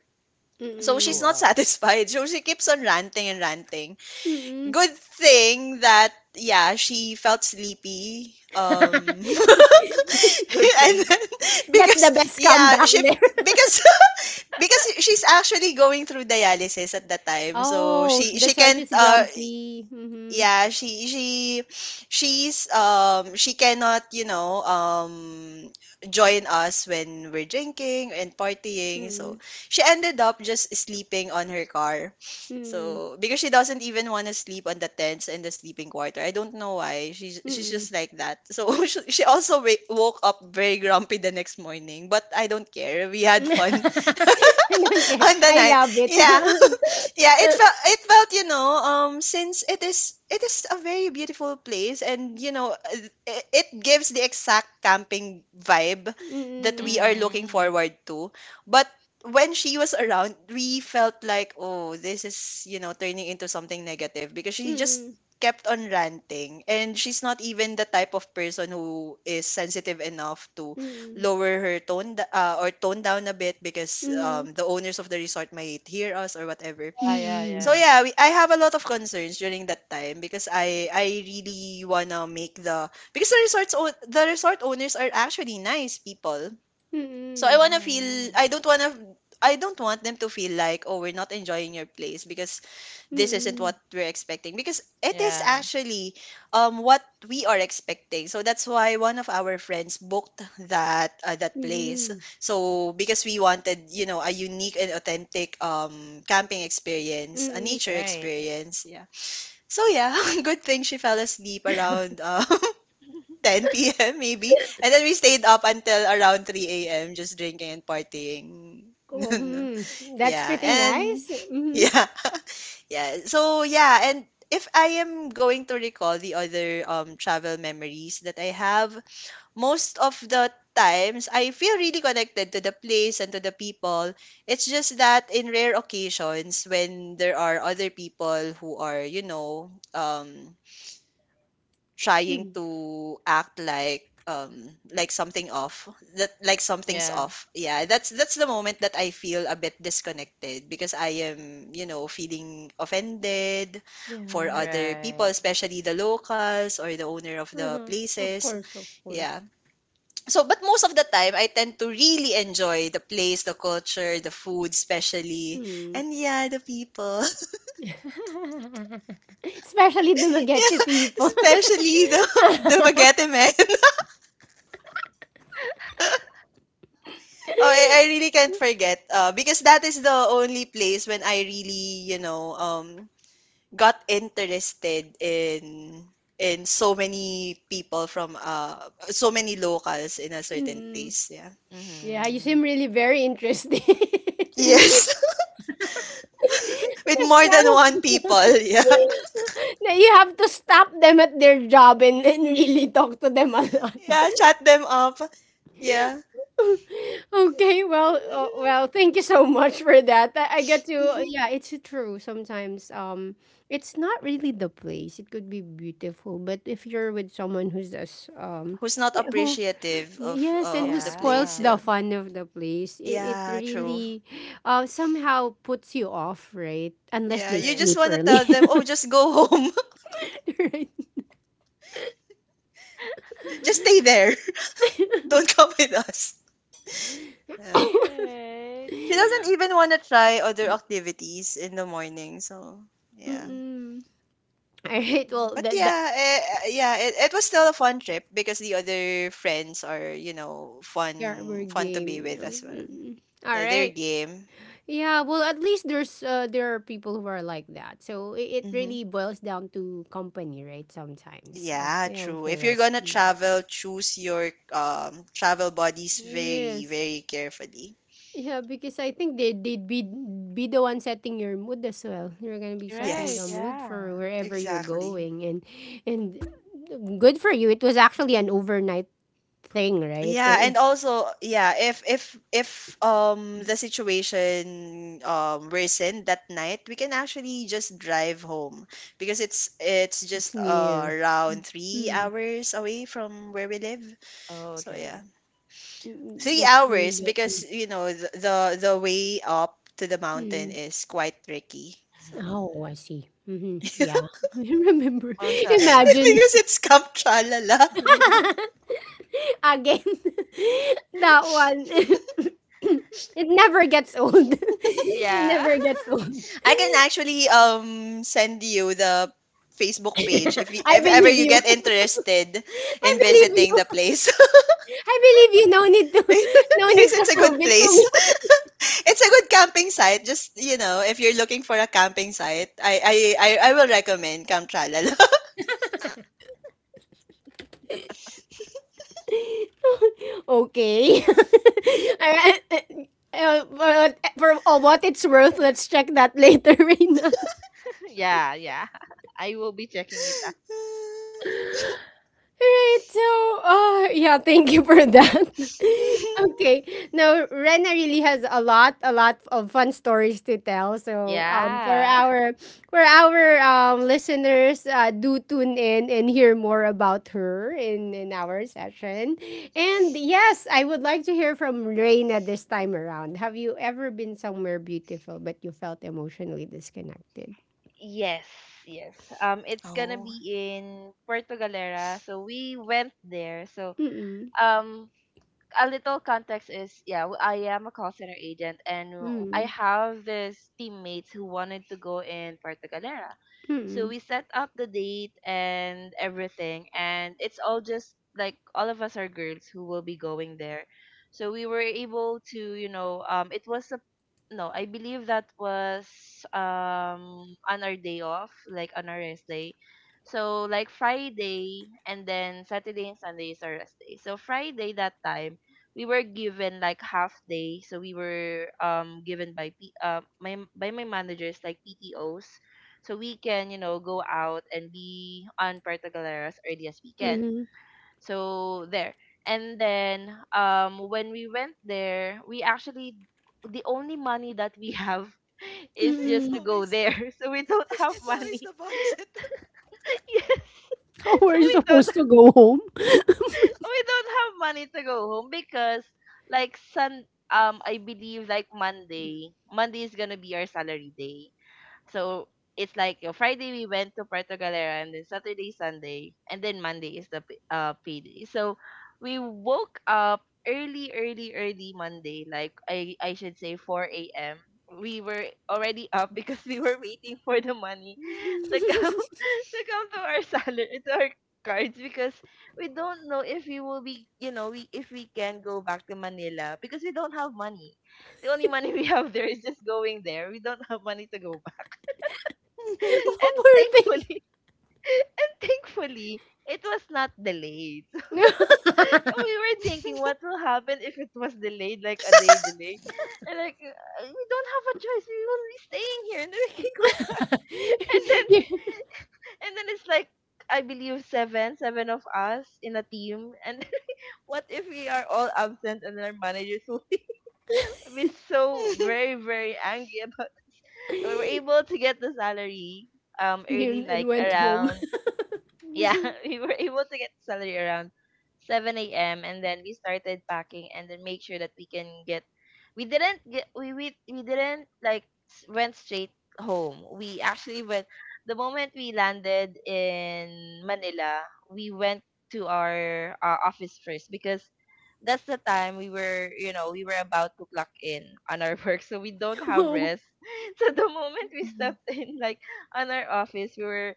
Speaker 3: so
Speaker 2: Oh,
Speaker 1: mm,
Speaker 3: she's not
Speaker 2: wow.
Speaker 3: satisfied, so she keeps on ranting and ranting.
Speaker 1: mm.
Speaker 3: Good thing that yeah, she felt sleepy um
Speaker 2: Good
Speaker 3: and
Speaker 2: thing.
Speaker 3: then,
Speaker 1: That's
Speaker 3: because
Speaker 1: the best
Speaker 3: yeah
Speaker 1: comeback
Speaker 3: she
Speaker 1: there.
Speaker 3: because because she's actually going through dialysis at that time, so
Speaker 1: Oh, sh-
Speaker 3: she she
Speaker 1: that's why
Speaker 3: can't
Speaker 1: she's
Speaker 3: uh
Speaker 1: grumpy. Mm-hmm.
Speaker 3: yeah she she she's um she cannot you know um join us when we're drinking and partying, so
Speaker 1: Mm-mm.
Speaker 3: she ended up just sleeping on her car.
Speaker 1: Mm-mm.
Speaker 3: So because she doesn't even want to sleep on the tents in the sleeping quarter, I don't know why she's she's
Speaker 1: Mm-mm.
Speaker 3: just like that. So she she also wa- woke up very grumpy the next morning, but I don't care, we had fun
Speaker 1: I don't care.
Speaker 3: on the
Speaker 1: I
Speaker 3: night.
Speaker 1: love it.
Speaker 3: Yeah yeah it felt it felt you know um since it is it is a very beautiful place, and you know uh, it, it gives the exact camping vibe that
Speaker 1: Mm,
Speaker 3: we are looking
Speaker 2: Mm.
Speaker 3: forward to. But when she was around, we felt like, oh, this is you know turning into something negative, because she just
Speaker 1: mm,
Speaker 3: kept on ranting, and she's not even the type of person who is sensitive enough to
Speaker 1: mm,
Speaker 3: lower her tone d- uh, or tone down a bit because
Speaker 1: mm,
Speaker 3: um, the owners of the resort might hear us or whatever.
Speaker 2: Yeah, yeah,
Speaker 1: Mm-mm.
Speaker 3: So
Speaker 2: yeah.
Speaker 3: yeah, we, I have a lot of concerns during that time because I I really wanna make the because the resorts own- the resort owners are actually nice people. So I
Speaker 1: Mm,
Speaker 3: wanna feel
Speaker 2: Mm-hmm.
Speaker 3: I don't wanna I don't want them to feel like, oh, we're not enjoying your place because this isn't
Speaker 1: mm,
Speaker 3: what we're expecting, because it is
Speaker 2: Yeah.
Speaker 3: actually um what we are expecting. So that's why one of our friends booked that uh, that place,
Speaker 1: mm,
Speaker 3: so because we wanted you know a unique and authentic um camping experience, a
Speaker 1: mm.
Speaker 3: nature
Speaker 2: Right.
Speaker 3: experience, yeah. So yeah, good thing she fell asleep around um ten p m maybe, and then we stayed up until around three a m just drinking and partying.
Speaker 1: Oh, hmm. That's
Speaker 3: Yeah,
Speaker 1: pretty
Speaker 3: and
Speaker 1: nice. Mm-hmm.
Speaker 3: yeah, yeah. So yeah, and if I am going to recall the other um travel memories that I have, most of the times I feel really connected to the place and to the people. It's just that in rare occasions when there are other people who are, you know, um trying
Speaker 1: Mm.
Speaker 3: to act like um like something off that like something's
Speaker 2: Yeah.
Speaker 3: off, yeah, that's that's the moment that I feel a bit disconnected, because I am you know feeling offended for
Speaker 1: Yeah.
Speaker 3: other people,
Speaker 2: Right.
Speaker 3: especially the locals or the owner of the
Speaker 1: Uh-huh. Of
Speaker 3: places.
Speaker 1: course, of
Speaker 3: Yeah.
Speaker 1: course.
Speaker 3: So but most of the time I tend to really enjoy the place, the culture, the food especially,
Speaker 1: Hmm.
Speaker 3: and yeah, the people.
Speaker 1: Especially Dumaguete people.
Speaker 3: Especially the the baguette. Oh, I, I really can't forget. Uh, because that is the only place when I really, you know, um got interested in in so many people from uh so many locals in a certain
Speaker 1: Mm.
Speaker 3: place. Yeah.
Speaker 1: Yeah, you
Speaker 2: Mm-hmm.
Speaker 1: seem really very interested.
Speaker 3: Yes, with more than
Speaker 1: Yeah.
Speaker 3: one people. Yeah.
Speaker 1: Now you have to stop them at their job, and, and really talk to them a lot.
Speaker 3: Yeah. Chat them up. Yeah.
Speaker 1: Okay, well, uh, well, thank you so much for that. I, I get to, yeah, it's true. Sometimes, um, it's not really the place. It could be beautiful, but if you're with someone who's just, um,
Speaker 3: Who's not
Speaker 1: yeah, who,
Speaker 3: appreciative of
Speaker 1: yes, and
Speaker 3: uh,
Speaker 1: who
Speaker 3: of the
Speaker 1: spoils
Speaker 3: place?
Speaker 2: Yeah.
Speaker 1: the
Speaker 3: Yeah.
Speaker 1: fun of the place, it, it
Speaker 3: Yeah. True.
Speaker 1: really, uh, somehow puts you off, right? Unless
Speaker 3: Yeah.
Speaker 1: they
Speaker 3: You
Speaker 2: Right.
Speaker 3: just
Speaker 1: sleep
Speaker 3: wanna
Speaker 1: early,
Speaker 3: tell them, oh, just go home.
Speaker 1: right?
Speaker 3: Just stay there. Don't come with us. Yeah.
Speaker 2: Right.
Speaker 3: She doesn't even want to try other activities in the morning. So, yeah.
Speaker 1: Mm-mm. All right. Well,
Speaker 3: But
Speaker 1: that that
Speaker 3: yeah, eh, eh, yeah, it, it was still a fun trip because the other friends are, you know,
Speaker 1: yeah, we're
Speaker 3: fun fun to be
Speaker 1: game. Yeah.
Speaker 3: with as well.
Speaker 1: Mm-mm. All
Speaker 3: Yeah, they're
Speaker 1: right.
Speaker 3: game.
Speaker 1: Yeah, well, at least there's uh, there are people who are like that. So it, it
Speaker 3: Hmm.
Speaker 1: really boils down to company, right? Sometimes, of
Speaker 3: Yeah,
Speaker 1: you know,
Speaker 3: true. If
Speaker 1: for
Speaker 3: you're
Speaker 1: us.
Speaker 3: gonna
Speaker 1: Mm.
Speaker 3: travel, choose your um travel buddies very,
Speaker 1: Yes.
Speaker 3: very carefully.
Speaker 1: Yeah, because I think they they'd be be the one setting your mood as well. You're gonna be setting
Speaker 2: Right.
Speaker 1: the
Speaker 3: Yes,
Speaker 1: mood for
Speaker 2: Yeah.
Speaker 1: wherever you're
Speaker 3: exactly.
Speaker 1: going, and and good for you. It was actually an
Speaker 3: Mm-hmm.
Speaker 1: overnight thing, right?
Speaker 3: Yeah,
Speaker 1: If, if
Speaker 3: and also yeah, if if if um the situation um worsen that night, we can actually just drive home because it's it's
Speaker 1: it's
Speaker 3: just uh,
Speaker 1: near,
Speaker 3: around three
Speaker 1: mm.
Speaker 3: hours away from where we live.
Speaker 2: Oh,
Speaker 3: So
Speaker 2: okay.
Speaker 3: yeah,
Speaker 1: Mm,
Speaker 3: three
Speaker 1: that's way
Speaker 3: hours because
Speaker 1: better.
Speaker 3: you know the the, the way up to the mountain is quite tricky. So
Speaker 1: Oh, I see. Mhm. Yeah. I remember.
Speaker 2: Mount Tralala.
Speaker 1: Imagine.
Speaker 3: because it's Camp Tralala.
Speaker 1: Again. That one. It never gets old. It
Speaker 2: Yeah.
Speaker 1: never gets old.
Speaker 3: I can actually um send you the Facebook page if, you,
Speaker 1: I
Speaker 3: if ever
Speaker 1: believe
Speaker 3: you
Speaker 1: you.
Speaker 3: get interested
Speaker 1: I
Speaker 3: in
Speaker 1: believe
Speaker 3: visiting
Speaker 1: you.
Speaker 3: the place.
Speaker 1: I believe you. No need to, no need
Speaker 3: Because
Speaker 1: to
Speaker 3: it's a
Speaker 1: prove
Speaker 3: good
Speaker 1: it to
Speaker 3: place.
Speaker 1: me.
Speaker 3: It's a good camping site. Just you know, if you're looking for a camping site, I I I, I will recommend Camp Tralala.
Speaker 1: Okay. Alright. Uh, uh, for, for oh, what it's worth, let's check that later, Reina.
Speaker 2: Yeah. Yeah. I will be checking it out.
Speaker 1: Right, so uh yeah, thank you for that. Okay. Now Rena really has a lot, a lot of fun stories to tell. So um for
Speaker 2: Yeah.
Speaker 1: our for our um listeners, uh, do tune in and hear more about her in, in our session. And yes, I would like to hear from Reina this time around. Have you ever been somewhere beautiful but you felt emotionally disconnected?
Speaker 2: Yes, yes. Um, it's gonna
Speaker 3: Oh,
Speaker 2: be in Puerto Galera. So we went there. So
Speaker 1: Mm-mm.
Speaker 2: um, a little context is, yeah, I am a call center agent, and I
Speaker 1: Mm-mm.
Speaker 2: have this teammates who wanted to go in Puerto Galera. So
Speaker 1: Mm-mm.
Speaker 2: we set up the date and everything, and it's all just like all of us are girls who will be going there. So we were able to, you know, um it was a, no I believe that was um on our day off, like on our rest day. So like Friday and then Saturday and Sunday is our rest day. So Friday that time, we were given like half day. So we were um given by P, uh, my by my managers like P T Os, so we can, you know, go out and be on Partigalera as early as we can.
Speaker 1: Mm,
Speaker 2: So there, and then um when we went there, we actually, the only money that we have
Speaker 1: mm,
Speaker 2: is
Speaker 3: it's
Speaker 1: mm,
Speaker 2: just to
Speaker 1: mm.
Speaker 2: go
Speaker 3: always
Speaker 2: there. So we don't have
Speaker 3: it's always
Speaker 2: money.
Speaker 3: the budget.
Speaker 2: Yes. So
Speaker 1: We're
Speaker 2: we don't
Speaker 1: supposed to go home?
Speaker 2: we don't have money to go home because like sun, um I believe like Monday Monday is gonna be our salary day. So it's like, uh, Friday we went to Puerto Galera, and then Saturday, Sunday, and then Monday is the p- uh payday. So we woke up early, early, early Monday, like I I should say four a m. We were already up because we were waiting for the money to
Speaker 3: Mhm.
Speaker 2: come, to come to our salary to our cards, because we don't know if we will be, you know, we if we can go back to Manila, because we don't have money. The only money we have there is just going there. We don't have money to go.
Speaker 1: One
Speaker 2: And
Speaker 1: more thing.
Speaker 2: thankfully, and thankfully, it was not delayed. We were thinking, what will happen if it was delayed, like a day delay? And like, uh, we don't have a choice. We will be staying here, and then we can go back. And then,
Speaker 1: Yeah,
Speaker 2: and then it's like, I believe seven, seven of us in a team. And what if we are all absent and our managers will be be so very very angry about, we were able to get the salary um early,
Speaker 1: yun, and
Speaker 2: like
Speaker 1: went home.
Speaker 2: around, yeah, we were able to get salary around seven a m, and then we started packing and then make sure that we can get, we didn't get we we, we didn't like s- went straight home. We actually went, the moment we landed in Manila, we went to our, our office first, because that's the time we were, you know, we were about to clock in on our work, so we don't have
Speaker 1: Oh,
Speaker 2: rest. So the moment we
Speaker 3: Mhm.
Speaker 2: stepped in, like on our office, we were,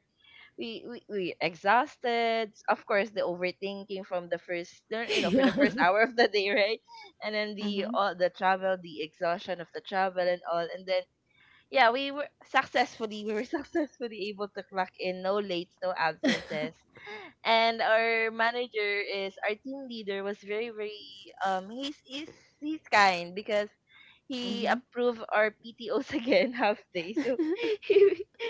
Speaker 2: we we we exhausted. Of course, the overthinking from the first, you know, for the
Speaker 1: yeah.
Speaker 2: first hour of the day, right? And then the
Speaker 3: Mhm.
Speaker 2: all the travel, the exhaustion of the travel and all, and then yeah, we were successfully we were successfully able to clock in, no late, no absences. And our manager is our team leader was very very um he's he's he's kind because he
Speaker 3: Mhm.
Speaker 2: approved our P T Os again, half day. So he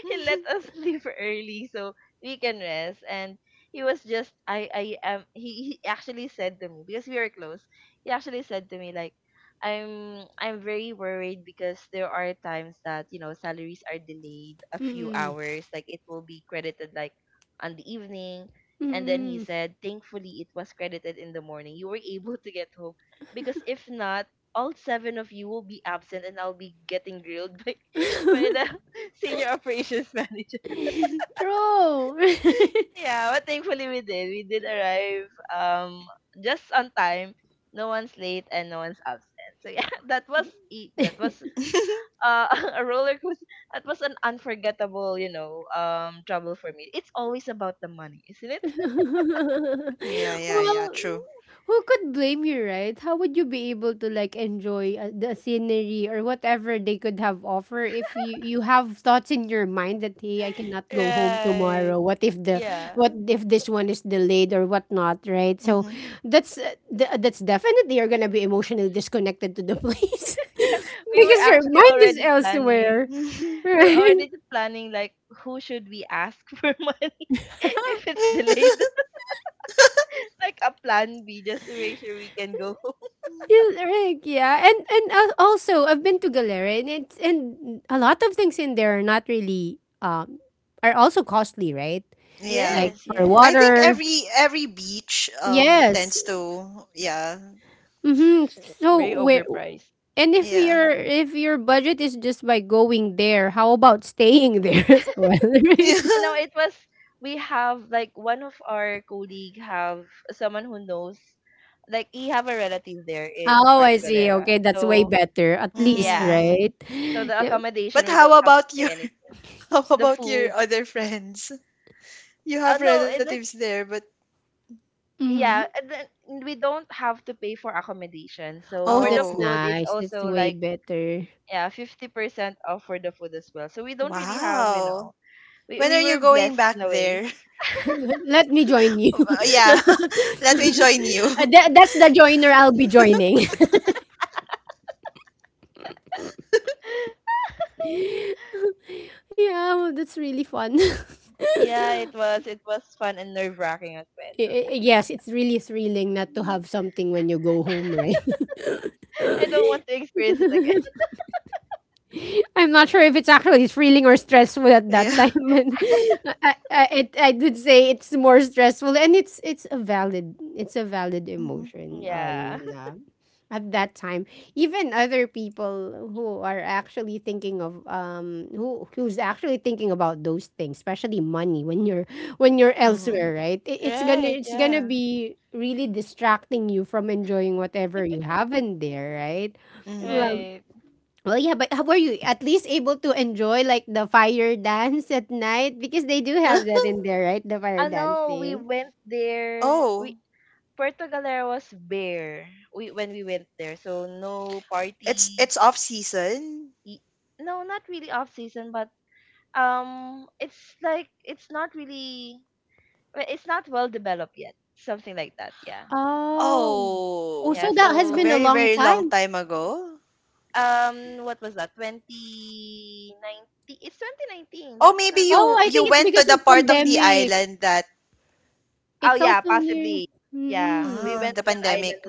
Speaker 2: he let us leave early so we can rest. And he was just, I I am he, he actually said to me, because we were close. He actually said to me like, I'm I'm very worried because there are times that, you know, salaries are delayed a few
Speaker 1: Mm-mm.
Speaker 2: hours, like it will be credited like on the evening. And then he
Speaker 1: Mm-mm.
Speaker 2: said thankfully it was credited in the morning, you were able to get home, because if not, all seven of you will be absent and I'll be getting grilled by by the senior operations manager.
Speaker 3: Mhm.
Speaker 1: True.
Speaker 2: Yeah, but thankfully we did. We did arrive um just on time. No one's late and no one's absent. So yeah, that was it. That was uh a roller coaster. That was an unforgettable, you know, um trouble for me. It's always about the money, isn't it?
Speaker 3: Yeah, yeah, yeah,
Speaker 1: Well,
Speaker 3: true.
Speaker 1: who could blame you, right? How would you be able to like enjoy, uh, the scenery or whatever they could have offer if you you have thoughts in your mind that, hey, I cannot go home
Speaker 2: Right.
Speaker 1: tomorrow. What if the
Speaker 2: Yeah.
Speaker 1: what if this one is delayed or whatnot, right? So
Speaker 3: Mhm.
Speaker 1: that's uh, th- that's definitely you're gonna be emotionally disconnected to the place
Speaker 2: Yeah, we were
Speaker 1: because your
Speaker 2: actually
Speaker 1: mind is
Speaker 2: already planning.
Speaker 1: elsewhere,
Speaker 2: We were
Speaker 1: right?
Speaker 2: already planning like who should we ask for money if it's delayed, like a plan B just to make sure we can go home.
Speaker 1: Yeah, right. Yeah. And and uh, Also, I've been to Galera, and it's and a lot of things in there are not really, um are also costly, right? Like
Speaker 3: Yeah.
Speaker 2: Yes,
Speaker 1: for
Speaker 3: I
Speaker 2: yes,
Speaker 3: think
Speaker 1: water.
Speaker 3: every every beach um tends
Speaker 1: Yes.
Speaker 3: to, yeah.
Speaker 1: Mhm. So
Speaker 2: very
Speaker 1: where
Speaker 2: overpriced.
Speaker 1: and if
Speaker 3: Yeah.
Speaker 1: your if your budget is just by going there, how about staying there as well, right?
Speaker 3: Yeah.
Speaker 2: And now it was we have like one of our colleague have someone who knows, like he have a relative there in
Speaker 1: Oh, I
Speaker 2: Puerto
Speaker 1: see. Okay,
Speaker 2: Galera.
Speaker 1: that's way
Speaker 2: So
Speaker 1: better at least,
Speaker 2: yeah,
Speaker 3: Mm.
Speaker 1: right?
Speaker 2: so the
Speaker 1: Yeah.
Speaker 3: But
Speaker 2: accommodation we
Speaker 3: how
Speaker 2: don't have to
Speaker 3: about
Speaker 2: pay
Speaker 3: your
Speaker 2: anything.
Speaker 3: how
Speaker 2: The
Speaker 3: about your
Speaker 2: food,
Speaker 3: other friends? You
Speaker 2: uh,
Speaker 3: have
Speaker 2: no, it
Speaker 3: relatives
Speaker 2: like
Speaker 3: there, but
Speaker 1: Mhm.
Speaker 2: yeah and then we don't have to pay for accommodation, so
Speaker 1: Oh,
Speaker 2: for the
Speaker 1: that's
Speaker 2: food
Speaker 3: oh,
Speaker 2: it's
Speaker 1: nice. That's
Speaker 2: also
Speaker 1: way
Speaker 2: like
Speaker 1: better.
Speaker 2: yeah, fifty percent off for the food as well, so we don't really have you
Speaker 3: wow.
Speaker 2: know we,
Speaker 3: When are
Speaker 2: we
Speaker 3: you
Speaker 2: were
Speaker 3: going
Speaker 2: blessed
Speaker 3: back
Speaker 2: in a way.
Speaker 3: there?
Speaker 1: Let me join
Speaker 3: Uh,
Speaker 1: you.
Speaker 3: yeah. Let me join you.
Speaker 1: Uh, tha- that's the joiner I'll be joining. Yeah, well, that's really fun.
Speaker 2: Yeah, it was it was fun and nerve-wracking as well,
Speaker 1: Y-
Speaker 2: so yeah,
Speaker 1: y- yes, it's really thrilling not to have something when you go home, right?
Speaker 2: I don't want to experience it again.
Speaker 1: I'm not sure if it's actually thrilling or stressful at that
Speaker 3: Yeah.
Speaker 1: time. And I, I, it, I did say it's more stressful, and it's it's a valid it's a valid
Speaker 3: Mhm.
Speaker 1: emotion,
Speaker 2: Yeah.
Speaker 1: Arena. At that time, even other people who are actually thinking of, um who who's actually thinking about those things, especially money when you're when you're
Speaker 3: Mhm.
Speaker 1: elsewhere, right? It, it's gonna
Speaker 2: Right,
Speaker 1: it's gonna
Speaker 2: yeah.
Speaker 1: be really distracting you from enjoying whatever you have in there, right? Well,
Speaker 3: Mhm.
Speaker 2: Right,
Speaker 1: well, yeah, but h- were you at least able to enjoy like the fire dance at night? Because they do have that in there, right? The fire
Speaker 2: I know. We
Speaker 1: dancing.
Speaker 2: went there,
Speaker 3: Oh.
Speaker 2: we Puerto Galera was bare, we when we went there, so no
Speaker 3: It's
Speaker 2: parties.
Speaker 3: it's off season?
Speaker 2: y- no, not really off season, but um it's like it's not really well, it's not well developed yet, something like that. Yeah,
Speaker 1: Oh. Oh,
Speaker 3: Oh,
Speaker 1: so
Speaker 2: yeah,
Speaker 1: that has been
Speaker 2: so
Speaker 1: a
Speaker 3: very,
Speaker 1: long
Speaker 3: very long
Speaker 1: time.
Speaker 3: time ago?
Speaker 2: um what was that, twenty nineteen? It's twenty nineteen, but
Speaker 3: Oh,
Speaker 2: it's
Speaker 3: maybe
Speaker 2: not.
Speaker 1: Oh,
Speaker 3: you
Speaker 1: I
Speaker 3: you
Speaker 1: think it's
Speaker 3: went to
Speaker 1: because
Speaker 3: the
Speaker 1: of
Speaker 3: part of the
Speaker 1: pandemic.
Speaker 3: island that
Speaker 2: Oh
Speaker 1: It's
Speaker 2: yeah,
Speaker 1: also nearing.
Speaker 2: possibly. Yeah, we
Speaker 1: mm
Speaker 3: ah,
Speaker 2: went
Speaker 3: the
Speaker 2: to an island.
Speaker 3: pandemic.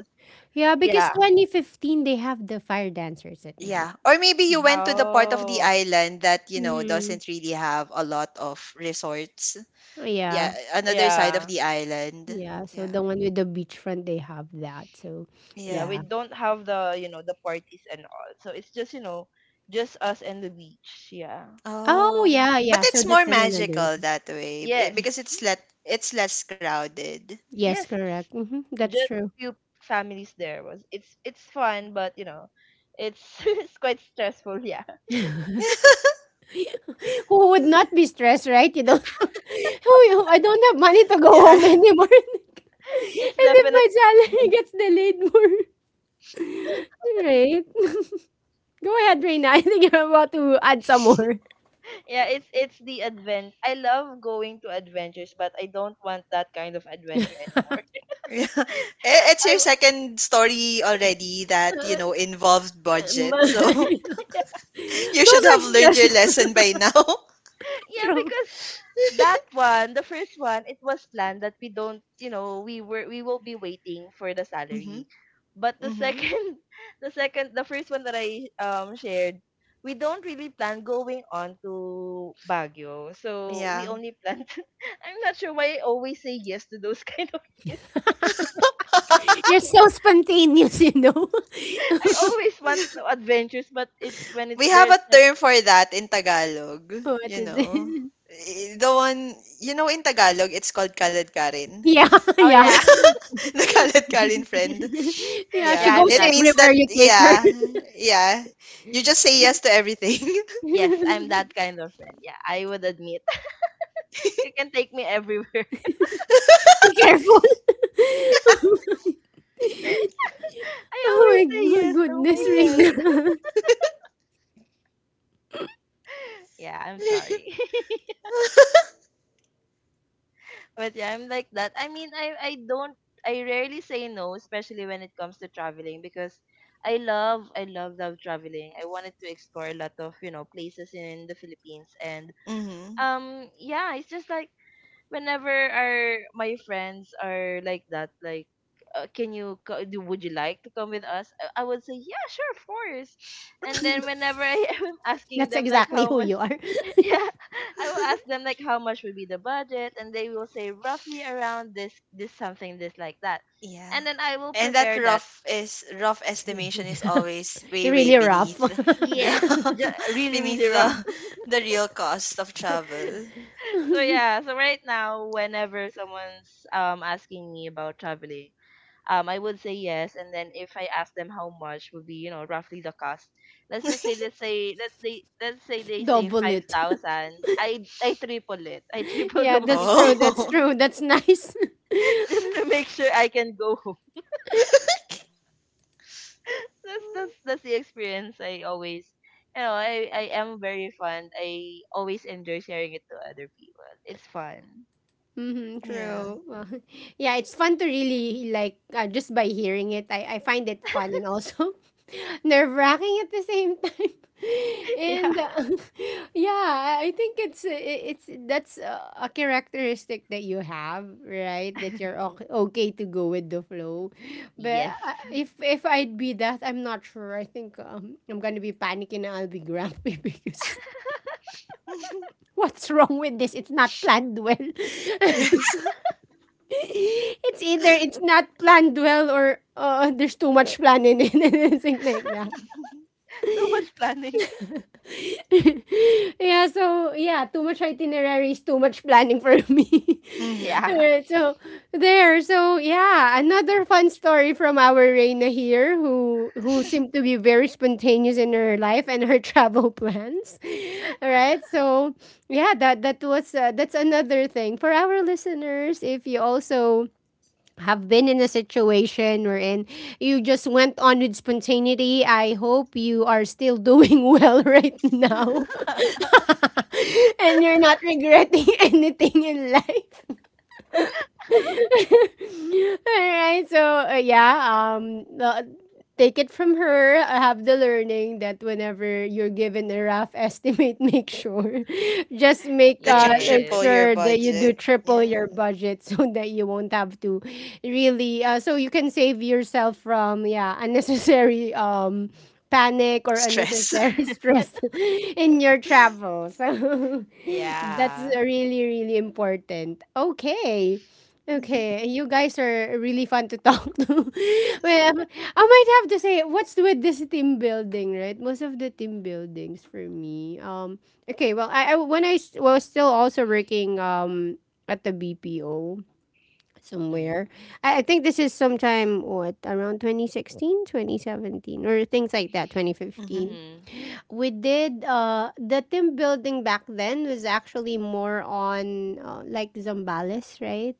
Speaker 1: Yeah, because
Speaker 2: Yeah.
Speaker 1: twenty fifteen they have the fire dancers at night.
Speaker 3: Yeah. Or maybe you
Speaker 1: Mhm.
Speaker 3: went to the part of the
Speaker 2: Oh
Speaker 3: island that, you know,
Speaker 1: Mm.
Speaker 3: doesn't really have a lot of resorts. Yeah,
Speaker 1: Yeah.
Speaker 3: another side of
Speaker 2: yeah,
Speaker 3: the island.
Speaker 1: Yeah, so
Speaker 3: Yeah.
Speaker 1: the one with the beachfront they have that. So,
Speaker 2: yeah,
Speaker 3: Yeah.
Speaker 2: we
Speaker 1: yeah.
Speaker 2: don't have the you know the parties and all, so it's just you know just us and the beach. Yeah.
Speaker 1: Oh,
Speaker 3: Oh.
Speaker 1: yeah,
Speaker 3: But
Speaker 1: yeah. So
Speaker 3: it's more
Speaker 1: that's an- another.
Speaker 3: magical that way, eh,
Speaker 2: Yes,
Speaker 3: because it's let it's less crowded.
Speaker 1: Yes,
Speaker 2: yes,
Speaker 1: correct. Mm-hmm.
Speaker 2: just
Speaker 1: That's
Speaker 2: a
Speaker 1: true.
Speaker 2: few families there was, it's it's fun, but you know, it's it's quite stressful. Yeah.
Speaker 1: Who would not be stressed, right? You don't have, "Oh, you- I don't have money to go
Speaker 3: Yeah.
Speaker 1: home anymore.
Speaker 2: It's
Speaker 1: And if
Speaker 2: definitely
Speaker 1: my salary
Speaker 2: advent-
Speaker 1: gets delayed more, right? Go ahead, Reina. I think you're about to add some more.
Speaker 2: yeah, it's it's the advent. I love going to adventures, but I don't want that kind of adventure anymore.
Speaker 3: Yeah. Eh, it's your
Speaker 2: I
Speaker 3: second story already that, you
Speaker 1: Uh,
Speaker 3: know, involved
Speaker 1: um,
Speaker 3: budget. So you
Speaker 1: Those
Speaker 3: should
Speaker 1: are
Speaker 3: have learned your
Speaker 1: stressful.
Speaker 3: lesson by now.
Speaker 2: yeah,
Speaker 1: True.
Speaker 2: because that one, the first one, it was planned that we don't, you know, we were we will be waiting for the
Speaker 3: Mm-hmm.
Speaker 2: salary. But the
Speaker 3: Mm-hmm.
Speaker 2: second the second the first one that I um shared, we don't really plan going on to Baguio. So we
Speaker 3: Yeah.
Speaker 2: only plan to, I'm not sure why I always say yes to those kind of things.
Speaker 1: You're so spontaneous, you know.
Speaker 2: I always want to adventures, but it's when it's
Speaker 3: We
Speaker 2: there
Speaker 3: have a
Speaker 2: it's like,
Speaker 3: term for that in Tagalog,
Speaker 1: What
Speaker 3: you
Speaker 1: is
Speaker 3: know.
Speaker 1: it?
Speaker 3: I- The one, you know, in Tagalog, it's called kalad karin.
Speaker 1: Yeah,
Speaker 2: oh
Speaker 1: yeah.
Speaker 2: yeah,
Speaker 3: The kalad karin friend.
Speaker 1: Yeah, she
Speaker 2: yeah,
Speaker 3: Yeah.
Speaker 2: I'm
Speaker 1: goes
Speaker 3: It
Speaker 2: that.
Speaker 3: means that,
Speaker 1: everywhere you take her.
Speaker 3: yeah, yeah. You just say yes to everything.
Speaker 1: Be
Speaker 2: Yes, I'm that kind of friend. Yeah, I would admit. You can take me everywhere.
Speaker 1: careful.
Speaker 2: I
Speaker 1: Oh
Speaker 2: always
Speaker 1: my oh
Speaker 2: say
Speaker 1: my
Speaker 2: yes. Oh my
Speaker 1: goodness,
Speaker 2: god.
Speaker 1: Reyna.
Speaker 2: Yeah, I'm sorry. But yeah, I'm like that. I mean, I I don't I rarely say no, especially when it comes to traveling, because I love I love love traveling. I wanted to explore a lot of, you know, places in the Philippines and
Speaker 3: Mm-hmm.
Speaker 2: um yeah, it's just like whenever our my friends are like that, like, uh, can you co- do? Would you like to come with us? I I would say, yeah, sure, of course. And then whenever I am asking
Speaker 1: That's
Speaker 2: them like
Speaker 1: exactly
Speaker 2: how
Speaker 1: who
Speaker 2: much,
Speaker 1: you are.
Speaker 2: yeah, I will ask them like how much would be the budget, and they will say roughly around this, this something, this like that,
Speaker 3: Yeah.
Speaker 2: and then I will
Speaker 3: And that
Speaker 2: prepare that.
Speaker 3: rough is rough estimation is always way way
Speaker 1: Really rough.
Speaker 3: beneath
Speaker 2: Yes,
Speaker 3: the
Speaker 2: ju- really,
Speaker 3: beneath
Speaker 2: really rough.
Speaker 3: the the real cost of travel.
Speaker 2: So yeah, so right now, whenever someone's um asking me about traveling, um, I would say yes, and then if I ask them how much would be, you know, roughly the cost. Let's just say, let's say, let's they, Let's say they say
Speaker 1: Double
Speaker 2: five
Speaker 1: it.
Speaker 2: thousand. I I triple it. I triple
Speaker 1: Yeah,
Speaker 2: the
Speaker 1: that's
Speaker 2: money
Speaker 1: true. That's
Speaker 3: Oh,
Speaker 1: true. That's nice.
Speaker 2: just to make sure I can go home. That's that's that's the experience I always, you know, I I am very fun. I always enjoy sharing it to other people. It's fun.
Speaker 1: Mm-hmm,
Speaker 3: yeah.
Speaker 1: true. Well, yeah, it's fun to really like uh, just by hearing it. I, I find it fun and also nerve wracking at the same time.
Speaker 2: Yeah.
Speaker 1: And uh, yeah, I I think it's uh, i- it's that's uh, a characteristic that you have, right? That you're o- okay to go with the flow. But
Speaker 2: Yes.
Speaker 1: uh, if if I'd be that, I'm not sure. I think um, I'm gonna be panicking and I'll be grumpy because what's wrong with this? It's not planned well.
Speaker 3: Yes.
Speaker 1: It's either it's not planned well or uh, there's too much planning in it and something like that.
Speaker 2: Too much planning.
Speaker 1: Yeah, so yeah, too much itinerary is too much planning for me.
Speaker 3: Hmm.
Speaker 2: Yeah.
Speaker 1: Alright, so there, so yeah, another fun story from our Reina here, who who seemed to be very spontaneous in her life and her travel plans. All right, so yeah, that that was uh, that's another thing for our listeners. If you also have been in a situation wherein you just went on with spontaneity. I hope you are still doing well right now and you're not regretting anything in life. All right. So uh, yeah, um, uh, take it from her. I have the learning that whenever you're given a rough estimate, make sure just make
Speaker 3: That you
Speaker 1: uh make
Speaker 2: Yes.
Speaker 3: triple your
Speaker 1: sure that you
Speaker 3: budget.
Speaker 1: do triple
Speaker 3: Yeah.
Speaker 1: your budget so that you won't have to really uh so you can save yourself from yeah unnecessary um panic or
Speaker 3: Stress.
Speaker 1: unnecessary stress in your travel. So that's
Speaker 2: Yeah.
Speaker 1: really really important. Okay.
Speaker 3: Hmm.
Speaker 1: Okay, you guys are really fun to talk to. Well, um, I might have to say, what's with this team building, right? Most of the team buildings for me. Um, okay, well, I, I when I s- was still also working um at the B P O somewhere.
Speaker 2: Mm.
Speaker 1: I, I think this is sometime what around twenty sixteen, twenty seventeen, or things like that,
Speaker 3: Hmm.
Speaker 1: twenty fifteen.
Speaker 2: Mm-hmm.
Speaker 1: We did uh the team building back then was actually more on uh, like Zambales, right?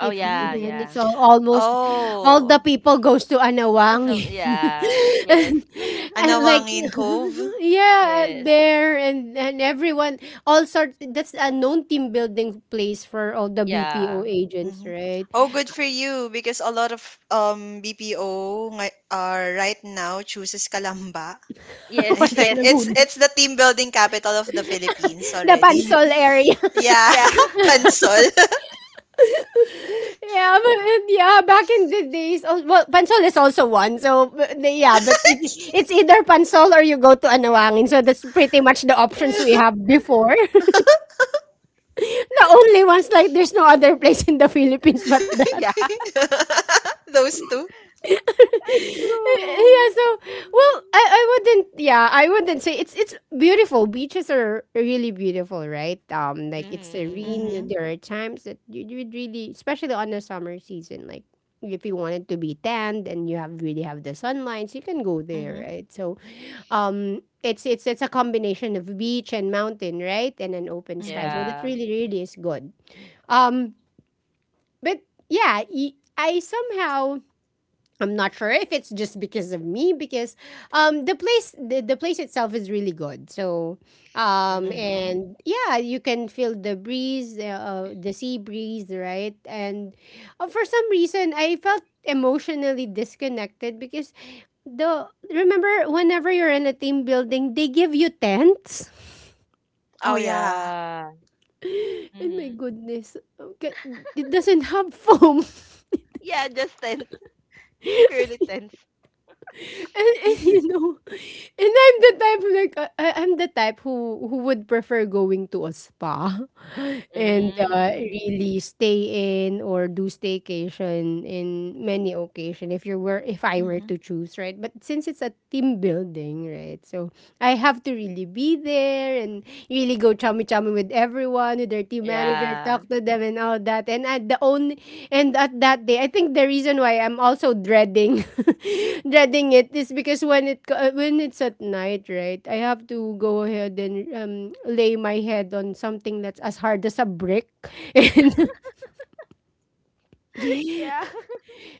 Speaker 2: Oh
Speaker 1: If
Speaker 2: yeah,
Speaker 3: Mm.
Speaker 1: yun, it's
Speaker 2: yeah.
Speaker 1: all almost all the
Speaker 3: Oh,
Speaker 1: people goes to
Speaker 2: To some,
Speaker 1: Anawangin.
Speaker 2: yeah. Yes.
Speaker 1: And and like
Speaker 3: Anawangin Cove.
Speaker 1: yeah,
Speaker 2: Yes.
Speaker 1: there and and everyone all sort that's a known team building place for all the B P O
Speaker 2: Yeah.
Speaker 1: agents,
Speaker 3: Hmm.
Speaker 1: right?
Speaker 3: Oh, good for you because a lot of um B P O ngay- are right now chooses Kalamba.
Speaker 2: Yes,
Speaker 1: Huanca,
Speaker 3: Like
Speaker 2: yes.
Speaker 3: it's
Speaker 1: Laguna.
Speaker 3: it's the team building capital of the Philippines
Speaker 1: The
Speaker 3: already.
Speaker 1: Pansol area.
Speaker 3: Yeah.
Speaker 2: Yeah.
Speaker 3: Pansol.
Speaker 1: Yeah, but, and yeah, back in the days, oh, well, Pansol is also one. So but yeah, but it, it's either Pansol or you go to Anawangin. So that's pretty much the options we have before. The only ones like there's no other place in the Philippines but that.
Speaker 2: Yeah.
Speaker 3: Those two.
Speaker 2: That's
Speaker 1: Yeah,
Speaker 2: true.
Speaker 1: so well, I, I wouldn't yeah, I wouldn't say it's it's beautiful. Beaches are really beautiful, right? Um like it's
Speaker 2: Mm-hmm.
Speaker 1: serene.
Speaker 3: Mm-hmm.
Speaker 1: There are times that you would really especially on the summer season, like if you wanted to be tanned and you have really have the sunlights, you can go
Speaker 3: Mm-hmm.
Speaker 1: there, right? So um it's it's it's a combination of beach and mountain, right? And an open sky.
Speaker 3: Mm-hmm.
Speaker 1: So that
Speaker 2: Yeah.
Speaker 1: really, really is good. Um But yeah, y- I somehow I'm not sure if it's just because of me because um the place the, the place itself is really good. So um
Speaker 2: Mm-hmm.
Speaker 3: Mm-hmm.
Speaker 1: and yeah, you can feel the breeze, the uh, the sea breeze, right? And uh, for some reason I felt emotionally disconnected because the remember whenever you're in a team building, they give you tents.
Speaker 3: Oh
Speaker 2: Oh
Speaker 3: yeah.
Speaker 2: yeah.
Speaker 1: And my
Speaker 2: Mm-hmm.
Speaker 1: goodness, okay, it doesn't have foam.
Speaker 2: Yeah, just tense. Just purely tense.
Speaker 1: And, and you know, and I'm the type who, like uh, I, I'm the type who who would prefer going to a spa and uh,
Speaker 2: Mm-hmm.
Speaker 1: really stay in or do staycation in many occasion if you were if I were
Speaker 3: Mm-hmm.
Speaker 1: to choose right. But since it's a team building right, so I have to really be there and really go chummy chummy with everyone, with their team manager,
Speaker 2: Yeah.
Speaker 1: talk to them and all that. And at the only and at that day, I think the reason why I'm also dreading dreading it is because when it co- uh, when it's at night, right? I have to go ahead and um lay my head on something that's as hard as a brick. And
Speaker 2: Yeah.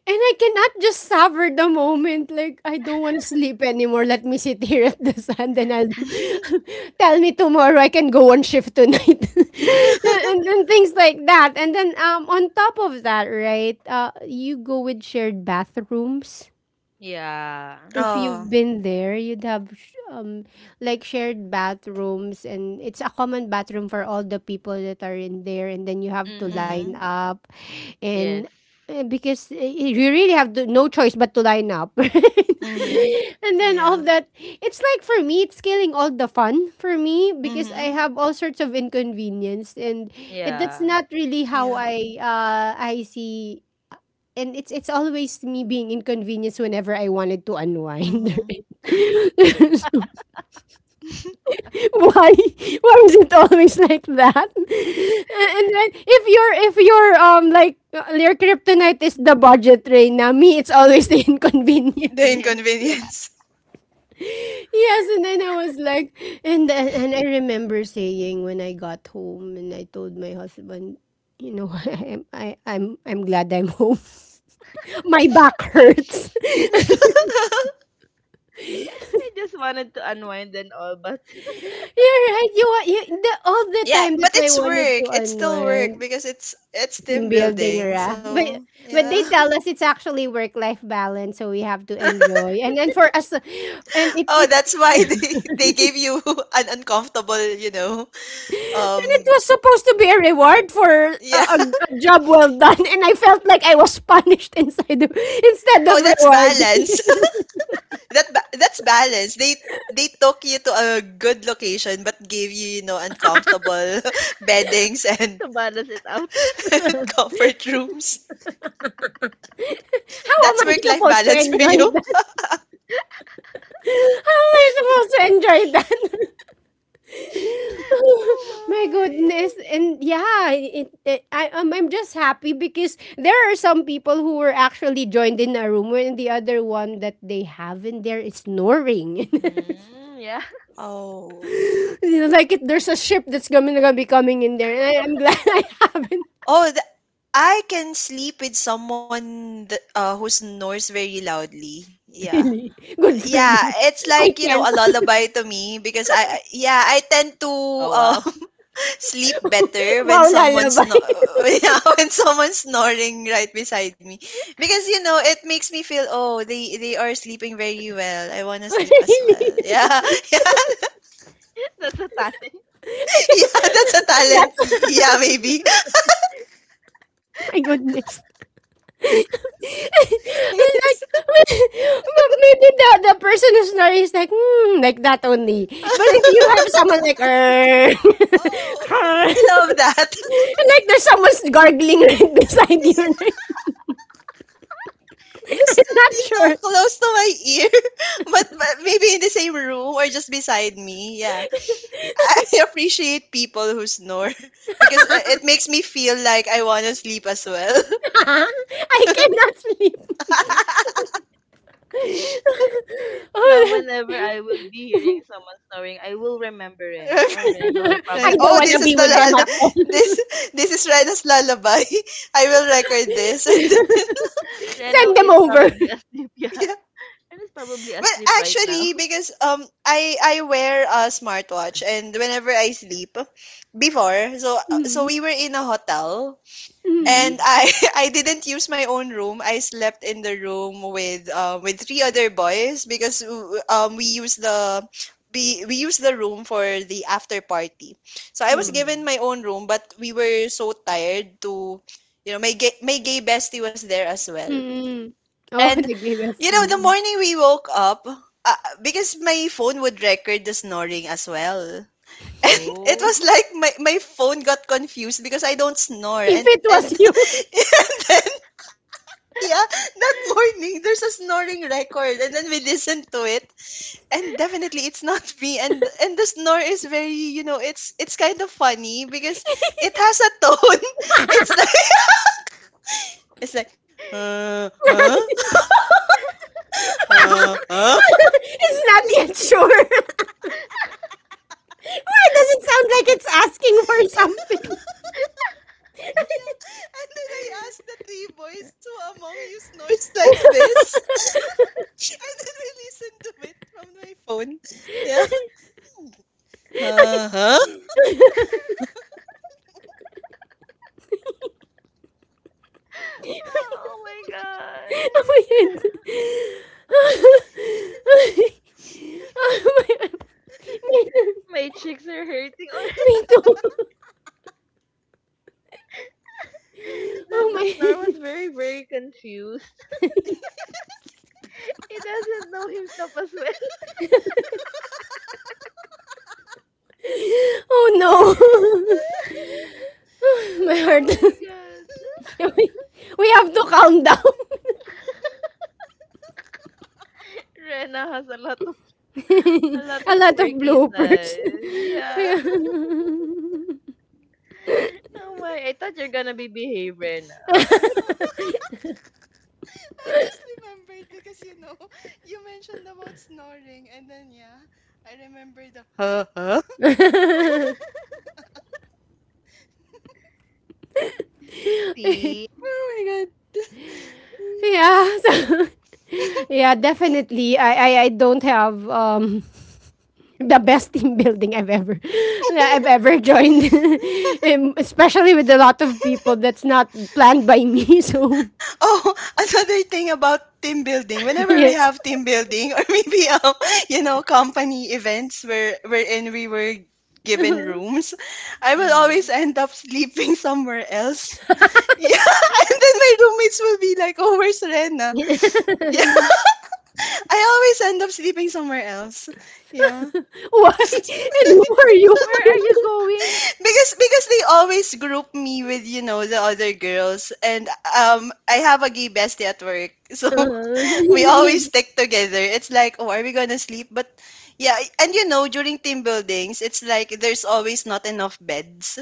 Speaker 1: and I cannot just savor the moment. Like, I don't want to sleep anymore. Let me sit here at the sun. Then I'll tell me tomorrow I can go on shift tonight. and, and things like that. And then um, on top of that, right, uh, you go with shared bathrooms
Speaker 2: Yeah.
Speaker 1: if you've
Speaker 3: Oh.
Speaker 1: been there, you'd have sh- um like shared bathrooms and it's a common bathroom for all the people that are in there and then you have to line
Speaker 2: Mm-hmm.
Speaker 3: Mm-hmm.
Speaker 1: up and
Speaker 2: Yes.
Speaker 1: uh, because eh, y- you really have to, no choice but to line up.
Speaker 3: Mm-hmm.
Speaker 1: And then all
Speaker 3: Yeah.
Speaker 1: that it's like for me it's killing all the fun for me because I
Speaker 3: Mm-hmm.
Speaker 1: have all sorts of inconvenience and it, that's
Speaker 2: Yeah.
Speaker 1: not really how
Speaker 3: Yeah.
Speaker 1: I uh I see and it's it's always me being inconvenienced whenever I wanted to unwind.
Speaker 3: Mm-hmm.
Speaker 1: Right? So, why why is it always like that? And then if your if your um like uh, your kryptonite is the budget train, now me it's always the
Speaker 3: The
Speaker 1: inconvenience.
Speaker 2: Convenience, yeah.
Speaker 3: inconvenience.
Speaker 1: Yes, and then I was like, and then, and I remember saying when I got home and I told my husband, you know, I'm I, I'm I'm glad I'm home. My back hurts.
Speaker 2: I just wanted to unwind and all, but
Speaker 1: You're right, you want you the all the
Speaker 3: Yeah,
Speaker 1: time that
Speaker 3: but
Speaker 1: I
Speaker 3: it's
Speaker 1: wanted to
Speaker 3: work. It's
Speaker 1: ano,
Speaker 3: still work because it's it's
Speaker 1: team
Speaker 3: team
Speaker 1: building
Speaker 3: building.
Speaker 1: ra,
Speaker 3: So
Speaker 1: but but
Speaker 3: yeah.
Speaker 1: they tell us it's actually work-life balance, so we have to enjoy, and then for us and it
Speaker 3: Oh,
Speaker 1: it's
Speaker 3: that's why they they gave you an uncomfortable, you know.
Speaker 1: and it
Speaker 3: Um,
Speaker 1: was supposed to be a reward for a
Speaker 3: yeah.
Speaker 1: a a job well done, and I felt like I was punished inside of instead
Speaker 3: Oh,
Speaker 1: of
Speaker 3: that's
Speaker 1: reward.
Speaker 3: balance. That ba- that's balance. They they took you to a good location but gave you, you know, uncomfortable beddings and
Speaker 2: to balance it out.
Speaker 3: comfort rooms.
Speaker 1: How
Speaker 3: That's
Speaker 1: am I
Speaker 3: work-life
Speaker 1: supposed
Speaker 3: balance
Speaker 1: to
Speaker 3: for you.
Speaker 1: enjoy that? How am I supposed to enjoy that? My
Speaker 2: Oh
Speaker 1: goodness.
Speaker 2: my.
Speaker 1: And yeah, it, it, I, um, I'm just happy because there are some people who were actually joined in a room when the other one that they have in there is snoring.
Speaker 2: Mm, yeah.
Speaker 3: Oh.
Speaker 1: You know, like it, there's a ship that's coming, gonna be coming in there. And I, I'm glad I haven't
Speaker 3: Oh, th- I can sleep with someone that, uh, who snores very loudly. Yeah.
Speaker 1: really. Good for
Speaker 3: Yeah,
Speaker 1: you.
Speaker 3: it's
Speaker 1: I
Speaker 3: like, you know, a
Speaker 1: can't.
Speaker 3: lullaby to me because I I- yeah, I tend to
Speaker 2: Oh
Speaker 3: um
Speaker 2: wow.
Speaker 3: sleep better
Speaker 1: Wow,
Speaker 3: when someone's
Speaker 1: lullaby.
Speaker 3: no yeah, when someone's snoring right beside me. Because you know, it makes me feel, oh, they they are sleeping very well. I want to sleep as well. Yeah.
Speaker 1: Really?
Speaker 3: Yeah.
Speaker 2: That's a talent.
Speaker 3: Yeah, that's a talent. Y-
Speaker 1: That's,
Speaker 3: Yeah, maybe.
Speaker 1: my goodness. like
Speaker 3: Because
Speaker 1: ma- maybe the the person who's snoring is like hmm, like that only. But if you have someone like "Arr,"
Speaker 3: oh, I love that.
Speaker 1: and like there's someone's gargling right beside you, right?
Speaker 3: Just not,
Speaker 1: I'm
Speaker 3: you
Speaker 1: not
Speaker 3: know,
Speaker 1: sure.
Speaker 3: close to my ear, but, but maybe in the same room or just beside me. Yeah. I appreciate people who snore because i- it makes me feel like I want to sleep as well.
Speaker 1: I cannot sleep.
Speaker 2: Now,
Speaker 1: Oh,
Speaker 2: whenever I will be hearing someone snoring, I will remember Rena. Oh, Rena will
Speaker 1: I
Speaker 2: probably
Speaker 1: don't
Speaker 3: Oh,
Speaker 2: be
Speaker 3: this
Speaker 1: wanna
Speaker 3: is
Speaker 1: be
Speaker 3: the
Speaker 2: sleeping
Speaker 1: with
Speaker 2: right
Speaker 1: them
Speaker 3: lul-
Speaker 1: at
Speaker 2: now.
Speaker 1: all.
Speaker 3: this this is Rena's lullaby. I will record this.
Speaker 1: Send
Speaker 2: Rena
Speaker 1: them
Speaker 2: is
Speaker 1: over.
Speaker 2: probably asleep.
Speaker 3: And
Speaker 2: Yeah,
Speaker 3: yeah.
Speaker 2: Rena is probably
Speaker 3: Well,
Speaker 2: asleep right now.
Speaker 3: actually, because um, I I wear a smartwatch, and whenever I sleep, before so uh, so
Speaker 1: Mm-hmm.
Speaker 3: we were in a hotel
Speaker 1: Mm-hmm.
Speaker 3: and
Speaker 2: Mm,
Speaker 3: I I didn't use my own room. I slept in the room with uh, with three other boys because w- um we use the we we use the room for the after party. So I was
Speaker 1: Oh,
Speaker 3: given
Speaker 2: mm.
Speaker 3: my own room, but we were so tired to you know my gay, my gay bestie was there as well.
Speaker 1: Mm-mm. Oh,
Speaker 3: And
Speaker 1: the game is
Speaker 3: you know the morning we woke up uh, because my phone would record the snoring as well. And it
Speaker 2: Oh.
Speaker 3: was like my, my phone got confused because I don't snore
Speaker 1: If
Speaker 3: and
Speaker 1: it was
Speaker 3: and
Speaker 1: you.
Speaker 3: Yeah, that morning there's a snoring record, and then we listen to it, and definitely it's not me, and and the snore is very, you know, it's it's kind of funny because it has a tone. It's like, it's like uh, huh? Uh, huh?
Speaker 1: It's not yet sure. Why does it sound like it's asking for something?
Speaker 3: Yeah. And then I asked the three boys, who among you snores like this? And then we listen to it from my phone. Yeah.
Speaker 1: Oh
Speaker 3: Uh,
Speaker 1: my
Speaker 3: huh?
Speaker 1: god.
Speaker 2: Oh my god.
Speaker 1: Oh my god. Me too.
Speaker 2: My cheeks are hurting.
Speaker 1: Me too.
Speaker 2: the,
Speaker 1: Oh
Speaker 2: the snore
Speaker 1: my.
Speaker 2: was very, very confused. He doesn't know himself as well.
Speaker 1: Oh no. My heart.
Speaker 2: Oh my god.
Speaker 1: We have to count
Speaker 2: Rena has a lot of a
Speaker 1: down.
Speaker 2: lot
Speaker 1: A
Speaker 2: of
Speaker 1: lot of
Speaker 2: quirky
Speaker 1: bloopers.
Speaker 2: sides. Yeah. Oh my, I thought you're gonna be behave, Rena.
Speaker 3: No. I just remembered because you know you mentioned about snoring, and then yeah, I remember the huh huh.
Speaker 2: See?
Speaker 3: Oh my god.
Speaker 1: yeah, so, yeah, definitely. I, I I don't have um the best team building I've ever that I've ever joined, Em- especially with a lot of people that's not planned by me. So
Speaker 3: Oh, another thing about team building. Whenever we have
Speaker 1: yes.
Speaker 3: team building or maybe um, you know, company events where wherein we were given rooms, I will always
Speaker 2: Mm.
Speaker 3: end up sleeping somewhere else. Yeah, and then my roommates will be like, "Oh, where's Rena?" Yeah, I always end up sleeping somewhere else.
Speaker 1: Why
Speaker 3: Yeah.
Speaker 1: and who are you
Speaker 2: Where are you
Speaker 1: with?
Speaker 2: going?
Speaker 3: because because they always group me with, you know, the other girls and um I have a gay bestie at work. So
Speaker 1: Uh,
Speaker 3: we always stick together. It's like, oh, are we going to sleep? But yeah, and you know, during team buildings, it's like there's always not enough beds.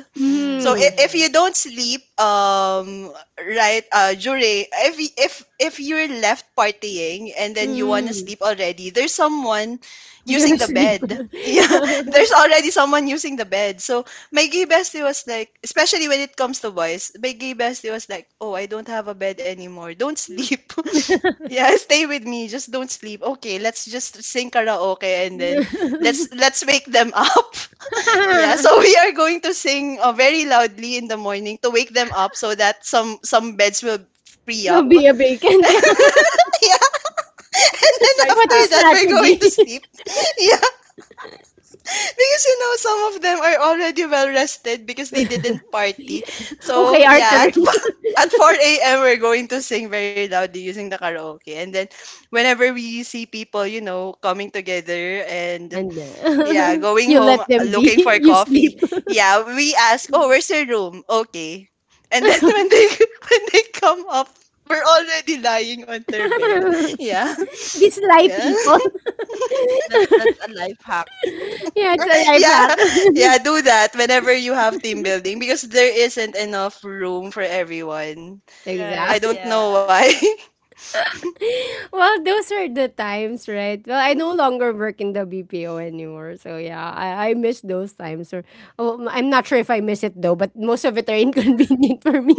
Speaker 3: So
Speaker 1: mm,
Speaker 3: i- if
Speaker 2: Mm.
Speaker 3: you don't sleep, um, right, uh, during if y- if if you're left partying and then you wanna
Speaker 1: mm.
Speaker 3: sleep already, there's someone
Speaker 1: I was
Speaker 3: using
Speaker 1: gonna
Speaker 3: the
Speaker 1: sleep.
Speaker 3: bed. Yeah,
Speaker 1: Yeah.
Speaker 3: there's already someone using the bed. So my gay bestie was like, especially when it comes to boys, my gay bestie was like, oh, I don't have a bed anymore. Don't sleep. Yeah, stay with me. Just don't sleep. Okay, let's just sing karaoke and then let's let's wake them up. Yeah, so we are going to sing uh, very loudly in the morning to wake them up so that some some beds will free up.
Speaker 1: So be a bacon. Yeah.
Speaker 3: Yeah, and then
Speaker 2: Life
Speaker 3: after
Speaker 1: What a
Speaker 2: hack.
Speaker 3: that we're going to
Speaker 1: strategy.
Speaker 3: sleep. Yeah, because you know some of them are already well rested because they didn't party.
Speaker 1: Okay,
Speaker 3: So
Speaker 1: our
Speaker 3: yeah,
Speaker 2: Life
Speaker 3: at
Speaker 1: turn.
Speaker 2: hack.
Speaker 3: at four a m we're going to sing very loudly using the karaoke, and then whenever we see people, you know, coming together and
Speaker 1: And
Speaker 3: yeah,
Speaker 1: uh,
Speaker 3: going
Speaker 1: you
Speaker 3: home
Speaker 1: let them be.
Speaker 3: looking for
Speaker 1: You
Speaker 3: coffee.
Speaker 1: sleep.
Speaker 3: Yeah, we ask, "Oh, where's your room?" Okay. And then when they when they come up, we're already lying on their bed. Yeah.
Speaker 1: These lie
Speaker 3: Yeah.
Speaker 1: people.
Speaker 2: That's that's a life hack.
Speaker 1: Yeah, it's a life hack.
Speaker 3: Yeah. Yeah, do that whenever you have team building because there isn't enough room for everyone. I
Speaker 2: Right,
Speaker 1: Exactly.
Speaker 3: don't
Speaker 2: yeah.
Speaker 3: know why.
Speaker 1: Well, those were the times, right? Well, I no longer work in the B P O anymore. So yeah, I, I miss those times. Or oh, I'm not sure if I miss it though, but most of it are inconvenient for me.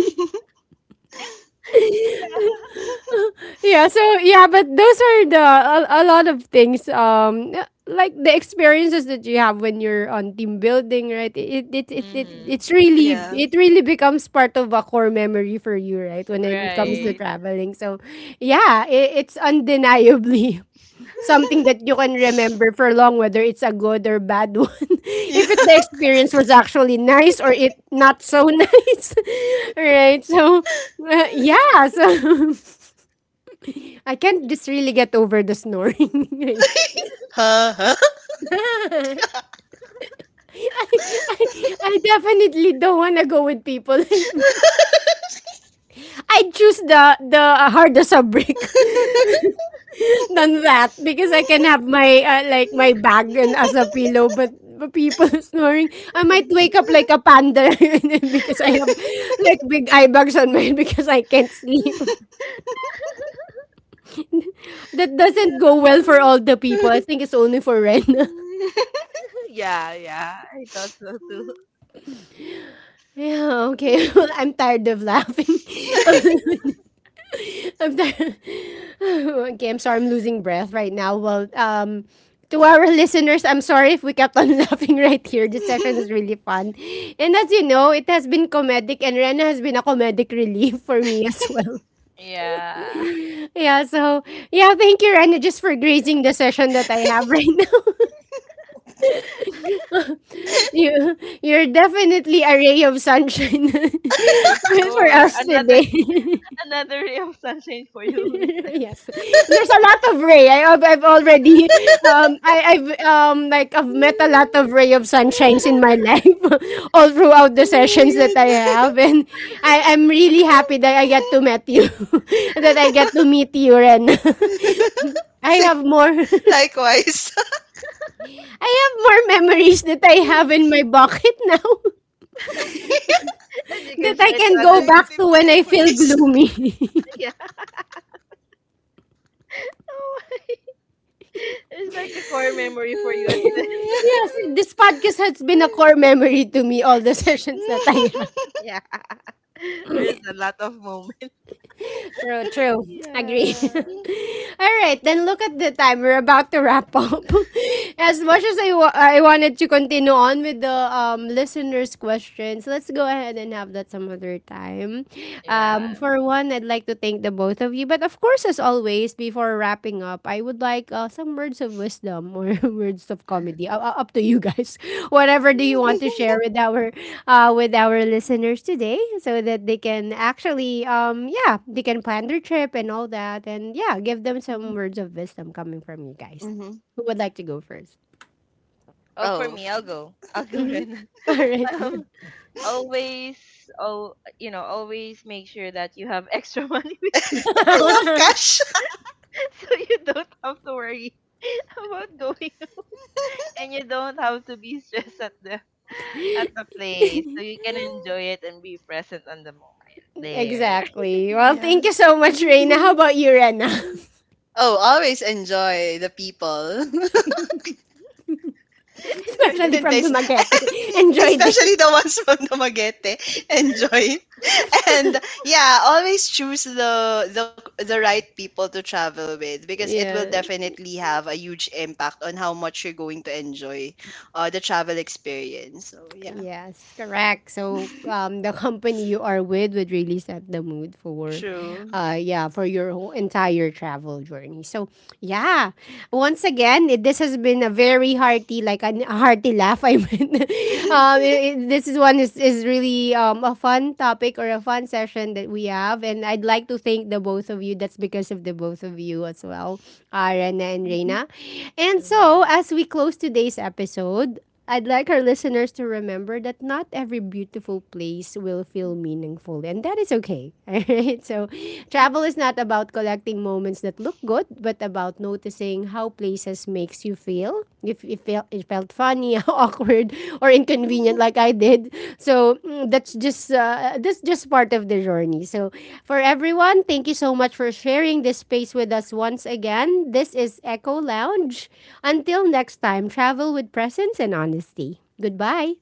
Speaker 2: Yeah.
Speaker 1: Yeah, so yeah, but those are the a, a lot of things um uh, like the experiences that you have when you're on team building, right? It it it, it
Speaker 2: Hmm.
Speaker 1: it's really
Speaker 3: Yeah.
Speaker 1: it really becomes part of a core memory for you, right? When it comes to
Speaker 2: Right.
Speaker 3: Mhm.
Speaker 1: traveling. So, yeah, it, it's undeniably something that you can remember for long whether it's a good or bad one.
Speaker 3: Yeah.
Speaker 1: if it, The experience was actually nice or it not so nice, right? So, uh, yeah, so I can't just really get over the snoring. Right?
Speaker 3: Huh? Huh?
Speaker 1: I, I, I definitely don't want to go with people like that. I choose the the harder subject than that because I can have my uh, like my bag and as a pillow, but but people snoring, I might wake up like a panda because I have like big eye bags on mine because I can't sleep. That doesn't go
Speaker 2: Yeah.
Speaker 1: well for all the people. I think it's only for Ren.
Speaker 2: Yeah, yeah. I thought so too.
Speaker 1: Yeah, okay.
Speaker 3: Oh
Speaker 1: I'm tired of laughing. I'm tired. Okay, I'm sorry. I'm losing breath right now. Well, um, to our listeners, I'm sorry if we kept on laughing right here. This
Speaker 3: my
Speaker 1: session is
Speaker 3: god.
Speaker 1: really fun. And as you know, it has been comedic, and Rena has been a comedic relief for me as well.
Speaker 2: Yeah,
Speaker 1: Yeah, so, yeah, thank you, Rena, just for gracing the session that I have right now. You, you're definitely a ray of sunshine
Speaker 2: for
Speaker 1: for
Speaker 2: sure.
Speaker 1: us
Speaker 2: Another
Speaker 1: today.
Speaker 2: another ray of sunshine for you, Steph.
Speaker 1: Yes, there's a lot of ray I, i've, I've already um I, I've um like I've met a lot of ray of sunshines in my life all throughout the sessions that I have, and i i'm really happy that I get to met you that I get to meet you, Ren. I
Speaker 3: Same.
Speaker 1: have more
Speaker 3: Likewise.
Speaker 1: I have more memories that I have in my bucket now
Speaker 2: And you
Speaker 1: that
Speaker 2: can
Speaker 1: I
Speaker 2: share it
Speaker 1: can
Speaker 2: to
Speaker 1: go
Speaker 2: other people.
Speaker 1: back
Speaker 3: Collective
Speaker 1: to when I feel
Speaker 3: memories.
Speaker 1: gloomy.
Speaker 2: Yeah. Oh my. It's like a core memory for you as well.
Speaker 1: Yes, this podcast has been a core memory to me, all the sessions that I have.
Speaker 2: Yeah. There's a lot of moments.
Speaker 1: True, true. Agree.
Speaker 2: Yeah.
Speaker 1: All right, then look at the time. We're about to wrap up. As much as I, wa- I wanted to continue on with the um, listeners' questions, let's go ahead and have that some other time. Um,
Speaker 2: Yeah.
Speaker 1: for one, I'd like to thank the both of you. But of course, as always, for wrapping up, I would like uh, some words of wisdom or words of comedy. Uh, uh, up to you guys. Whatever do you want to share
Speaker 3: Mhm,
Speaker 1: with our uh, with our listeners today so that they can actually um yeah, they can plan their trip and all that, and yeah, give them some words of wisdom coming from you guys.
Speaker 3: mhm.
Speaker 1: Who would like to go first?
Speaker 2: Oh, for
Speaker 3: Oh,
Speaker 2: me, I'll go. I'll go,
Speaker 1: Mhm.
Speaker 2: Renan.
Speaker 1: All right.
Speaker 2: Um, always, oh, you know, always make sure that you have extra money with you.
Speaker 3: enough cash.
Speaker 2: So you don't have to worry about going and you don't have to be stressed at the at the place, so you can enjoy it and be present on the moment there.
Speaker 1: Exactly. Well,
Speaker 3: Yeah.
Speaker 1: thank you so much, Reina. How about you, Rena?
Speaker 3: Oh, always enjoy the people. In a
Speaker 2: Enjoy the
Speaker 1: Especially
Speaker 3: certain
Speaker 1: from
Speaker 3: place.
Speaker 2: people.
Speaker 1: Dumaguete.
Speaker 3: And
Speaker 1: Enjoyed them.
Speaker 3: especially the ones from Dumaguete. Enjoy. And yeah, always choose the, the the right people to travel with because it will
Speaker 1: Yeah.
Speaker 3: definitely have a huge impact on how much you're going to enjoy uh, the travel experience. So yeah,
Speaker 1: Yes, correct. So, um, the company you are with would really set the mood for,
Speaker 3: true.
Speaker 1: uh, yeah, for your whole entire travel journey. So, yeah, once again, it, this has been a very hearty, like a hearty laugh. I mean, um, it, it- this is one is, is really um, a fun topic or a fun session that we have, and I'd like to thank the both of you. That's because of the both of you as well, uh, Rena and Reina. And so, as we close today's episode, I'd like our listeners to remember that not every beautiful place will feel meaningful, and that is okay. All right. So, travel is not about collecting moments that look good, but about noticing how places makes you feel. If it felt, it felt funny, awkward, stupid or inconvenient like I did. So mm, that's just uh, that's just part of the journey. So for everyone, thank you so much for sharing this space with us once again. This is Echo Lounge. Until next time, travel with presence and honesty. Goodbye.